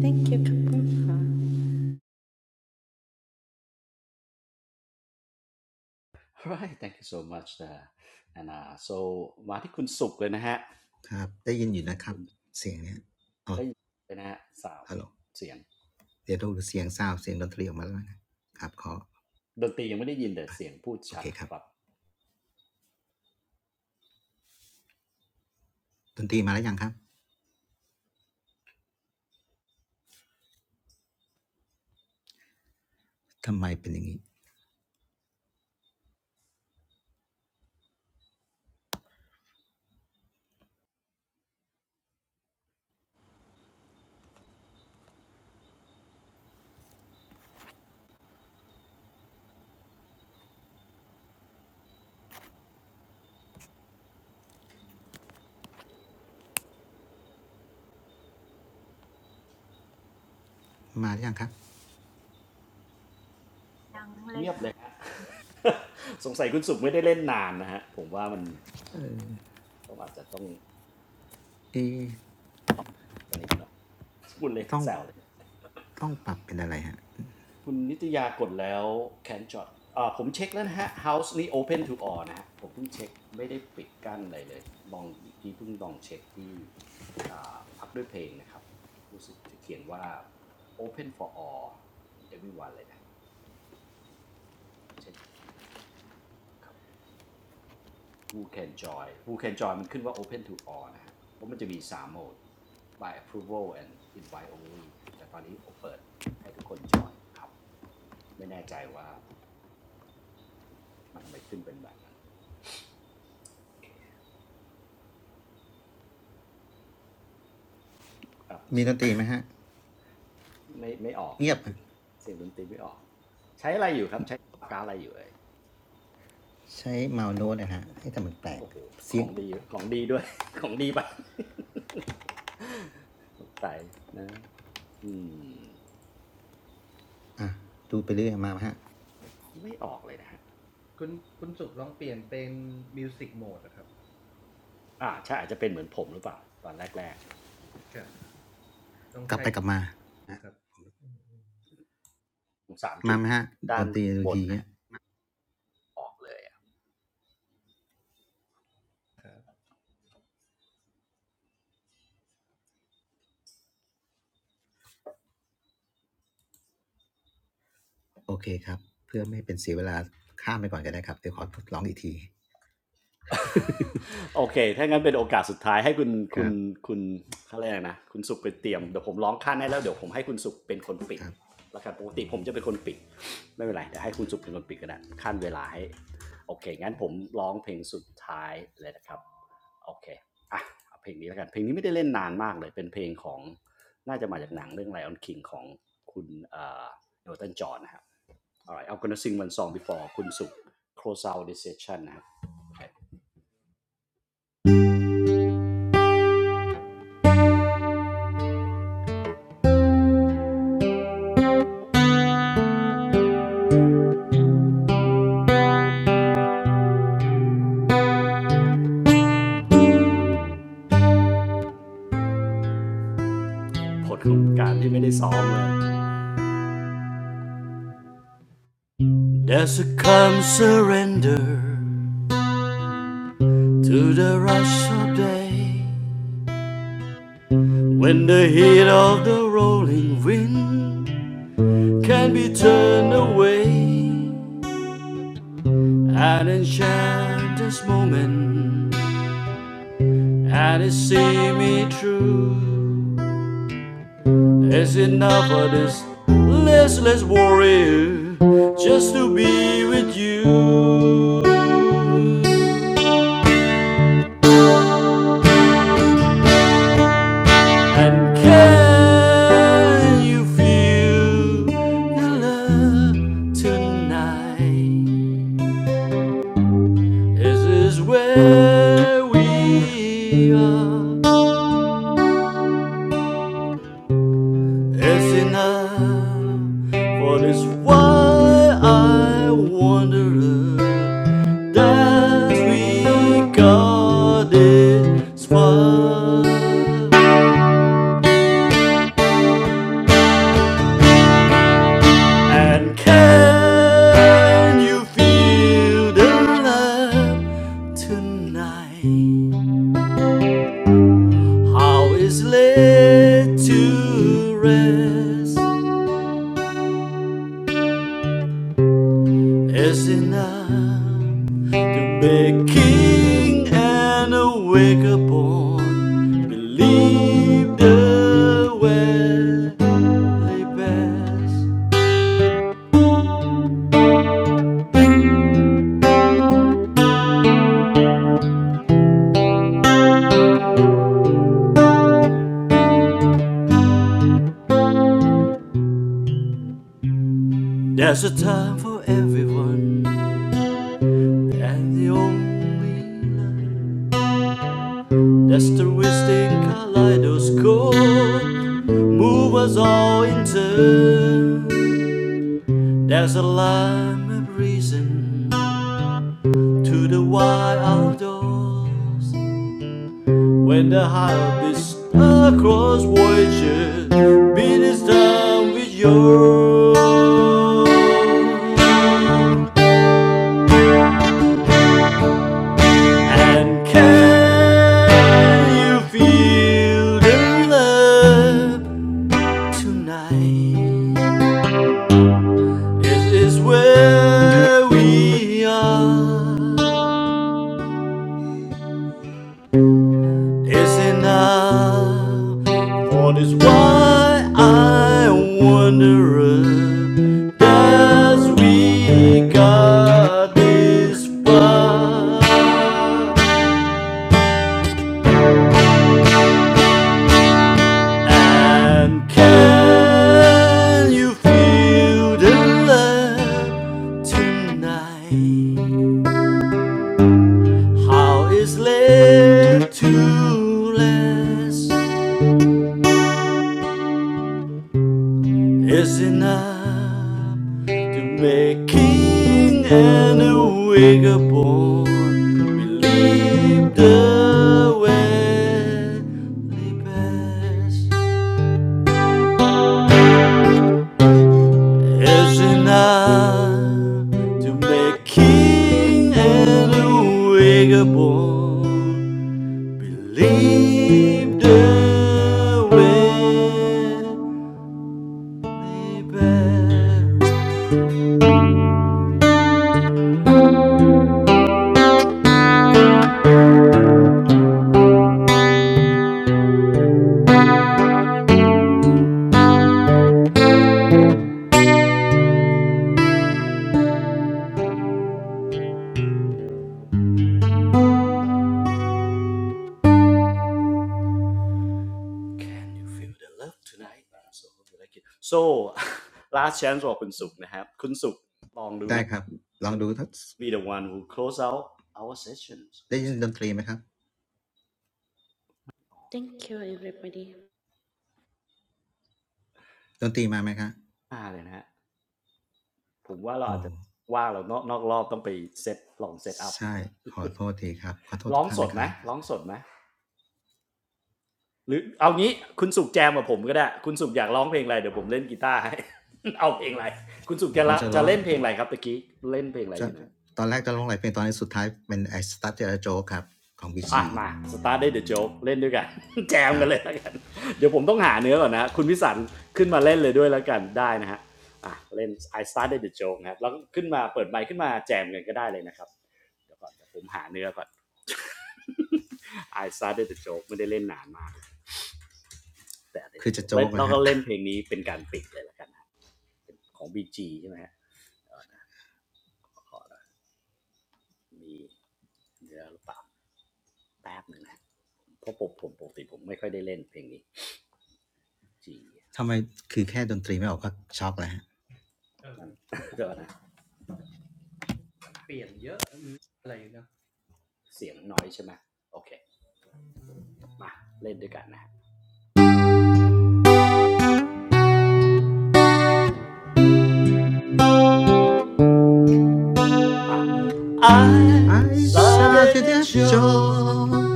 Thank you, *laughs* all right thank you so much uh, Anna so มาที่คุณสุขเลยนะฮะคุณได้ยินเลยนะฮะสาวเสียงดนตรียังไม่ได้ยินแต่เสียงพูดชัดครับเงียบเลยฮะ *laughs* สงสัยคุณสุขไม่ได้เล่นนานนะฮะผมว่ามันต้องอาจจะต้องสนิมนะพูดเล่นแซวเลย คุณนิตยากดแล้ว Can j o t อ่าผมเช็คแล้วนะฮะ House นี่ Open to all นะฮะผมเพิ่งเช็คไม่ได้ปิดกั้นอะไรเลยลองเมื่อกี้เพิ่งลองเช็คที่อ่าพักด้วยเพลงนะครับรู้สึกจะเขียนว่า Open for all everyone เลยนะเช็คอีกทีครับ Who can join Who can join มันขึ้นว่า Open to all นะฮะเพราะมันจะมี3โหมด by approval and invite only นะฮะแต่ตอนนี้เปิดให้ทุกคนจอยครับไม่แน่ใจว่ามันทำไมขึ้นเป็นแบบนั้น อ่ะคุณสุขไม่ไม่ออกเสียงดนตรีไม่ออกใช้อะไรอยู่ครับใช้ปากกาอะไรอยู่เอ่ยโอ้โหของดีของดีด้วย *laughs* ของดีไปะ *laughs* สงสัยนะอืมอ่ะดูไปเรื่อยมาไหมฮะไม่ออกเลยนะฮะอ่าใช่อาจจะเป็นเหมือนผมหรือเปล่าตอนแรกๆสามจุดด้านบนนะฮะกลับไปกลับมาอ่ะมาไหมฮะดนตรีดูอีกทีเงี้ยโอเคครับออกเลย เพื่อไม่ให้เป็นเสียเวลาข้ามไปก่อนก็ได้ครับเดี๋ยวขอทดลองอีกทีครับครับโอเค ถ้างั้นเป็นโอกาสสุดท้ายให้คุณคุณคุณเขาเรียกนะคุณสุขไปเตรียมเดี๋ยวผมร้องขั้นให้แล้วเดี๋ยวผมให้คุณสุขเป็นคนปิดแล้วกันปกติผมจะเป็นคนปิด ไม่เป็นไรเดี๋ยวให้คุณสุขเป็นคนปิดก็ได้ขั้นเวลาให้โอเค งั้นผมร้องเพลงสุดท้ายเลยนะครับโอเคอ่ะเอาเพลงนี้แล้วกัน เพลงนี้ไม่ได้เล่นนานมากเลย เป็นเพลงของ น่าจะมาจากหนังเรื่อง Lion King ของคุณเอ่อเอลตันจอห์นนะครับ alright I'm gonna sing one song before คุณสุข close out this session นะครับ ผลของการที่ไม่ได้ซ้อมเลย There's a calm surrender to the rush of day when the heat of the rolling wind can be turned away and enchant this moment and it see me through it's enough for this listless warrior just to be with you And can you feel the love tonight? This is where we are. It's enough for this why I wonder that we got this far. And can you feel the love tonight? How is laid to rest is enough. Baking and awake upon, believe the way lay best. There's a time for everyone, and the only love. That's the twisting kaleidoscope move us all in turn. There's a lime of reason to the wide outdoors. When the hype is across voyages, beat is done with yours. And can you feel the love tonight? This is where we are. It's enough for this why I wonder as we got this far. And can you feel the love tonight? How is led to less? is enough to make king and a wigger born believe the way they best is enough to make king and a wigger born believe the way they best Can you feel the love tonight? So hope you like it. So *laughs* last chance for คุณสุขนะครับคุณสุขลองดูนะ ได้ครับ I think be the one who close out our sessions คุณสุข Thank you, everybody. มาเลยนะฮะผมว่าเราอาจจะว่างเรานอกนอกรอบต้องไปเซตลองเซตอัพ ร้องสดไหมร้องสดไหมหรือเอางี้คุณสุขแจมกับผมก็ได้คุณสุขอยากร้องเพลงอะไรเดี๋ยวผมเล่นกีตาร์ให้ *laughs* เอาเพลงอะไรคุณสุขจะละจะเล่นเพลงอะไรครับตะกี้ เล่นเพลงอะไรอยู่นะ I Started a Joke ครับของ BG อ่ะมาสตาร์ทได้เดอะโจ๊กเล่นด้วยกัน *laughs* แจมกันเลยแล้วกันเดี๋ยวผมต้องหาเนื้อก่อนนะคุณพิสันขึ้นมาเล่นเลยด้วยแล้วกันได้นะฮะอ่ะเล่น I started the joke นะครับแล้วก็ขึ้นมาเปิดไมค์ขึ้นมาแจมกันก็ได้เลยนะครับเดี๋ยวก่อนเดี๋ยวผมหาเนื้อก่อน *laughs* I started the joke ไม่ได้เล่นนานมากแต่ I started the joke แล้วเราก็เล่นเพลงนี้เป็นการปิดเลยแล้วกันนะเป็นของ BG ใช่ไหมฮะมีเนื้อหรือเปล่าแป๊บหนึ่งนะเพราะผมปกติผมไม่ค่อยได้เล่นเพลงนี้ G *laughs* นั่น *laughs* เดี๋ยวนะ เสียงน้อยใช่ไหมโอเคมาเล่นด้วยกันนะ I I started started a a joke. show.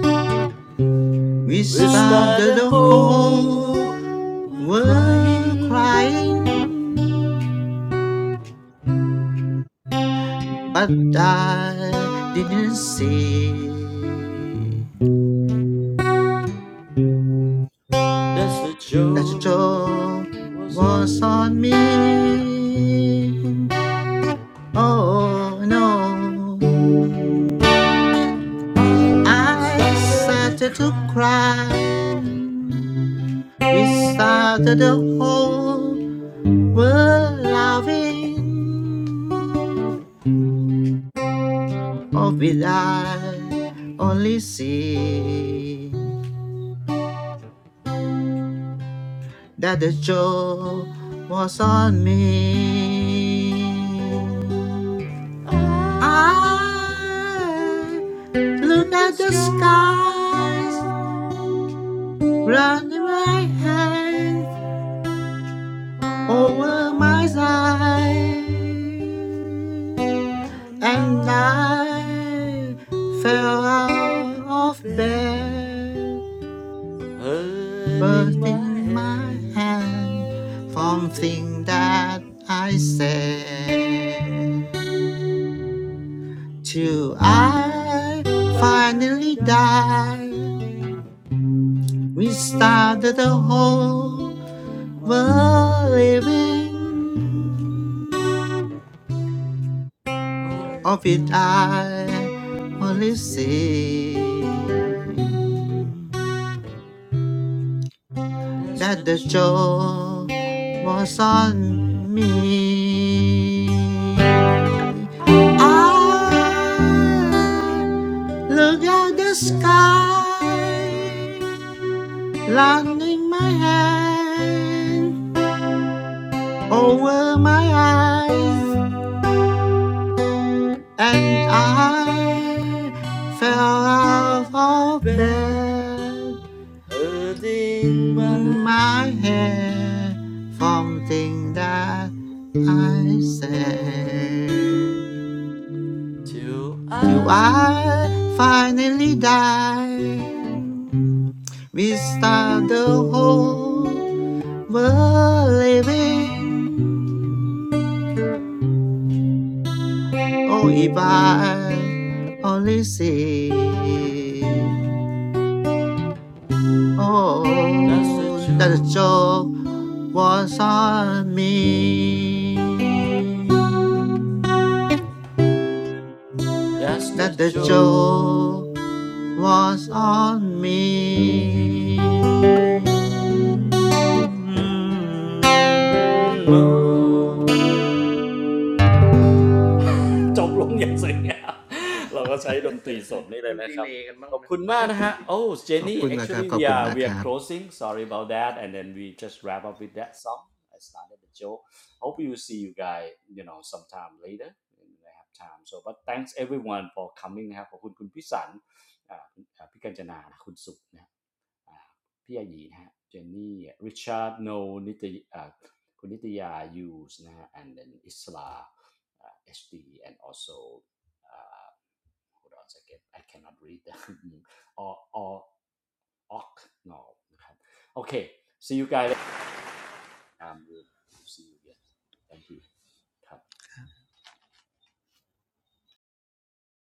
We We started started a the hole. whole We're world crying. crying, but I didn't see That's the that the joke. joy Was was lonely. on me. Oh no. I I started to started to cry. cry. We started the whole Were loving or will I only sing that the joy was on me. I I look could be at the scared. skies round but my hand over my side, I and I fell felt out of bad. bed, Hurting but Sing my in my my head. hand from thing that I everything said. To Till I I finally finally die. die, we Start started the whole over world living. living. Or of if it not, I only see, see that's the that the truth. joy was on me. I look at the the sky. sky, landing my hand over my eyes, and Thank you. I fell Show out My of bed, bed hurting my my head. hair from thing that I said. Till I, Till I finally die without the whole world living. Oh, if I only see that's Oh, the let the truth. joy was on me. That's the Let the truth. joy was me, show on me. me. จบลงอย่างสวยงาม *laughs* เราก็ใช้ดนตรีสดนี่เลยนะครับ ขอบคุณมากนะฮะ Oh Jenny actually ขอบคุณนะครับ we are we are ขอบคุณมากครับ closing sorry about that and then we just wrap up with that song I started the show hope you see you guys you know sometime later when I have time so but thanks everyone for coming นะครับขอบคุณคุณพิสันอ่าอ่าพิกัญจนาคุณสุขนะ อ่าพี่อาหยีนะฮะเจนนี่ริชาร์ดโนนิตยอ่าคุณนิตยายูสนะฮะ and then Isla uh, HD and also uh, hold on a second I cannot read the *laughs* or or ok no นะครับ okay see you guys um, we'll see you again thank you ครับ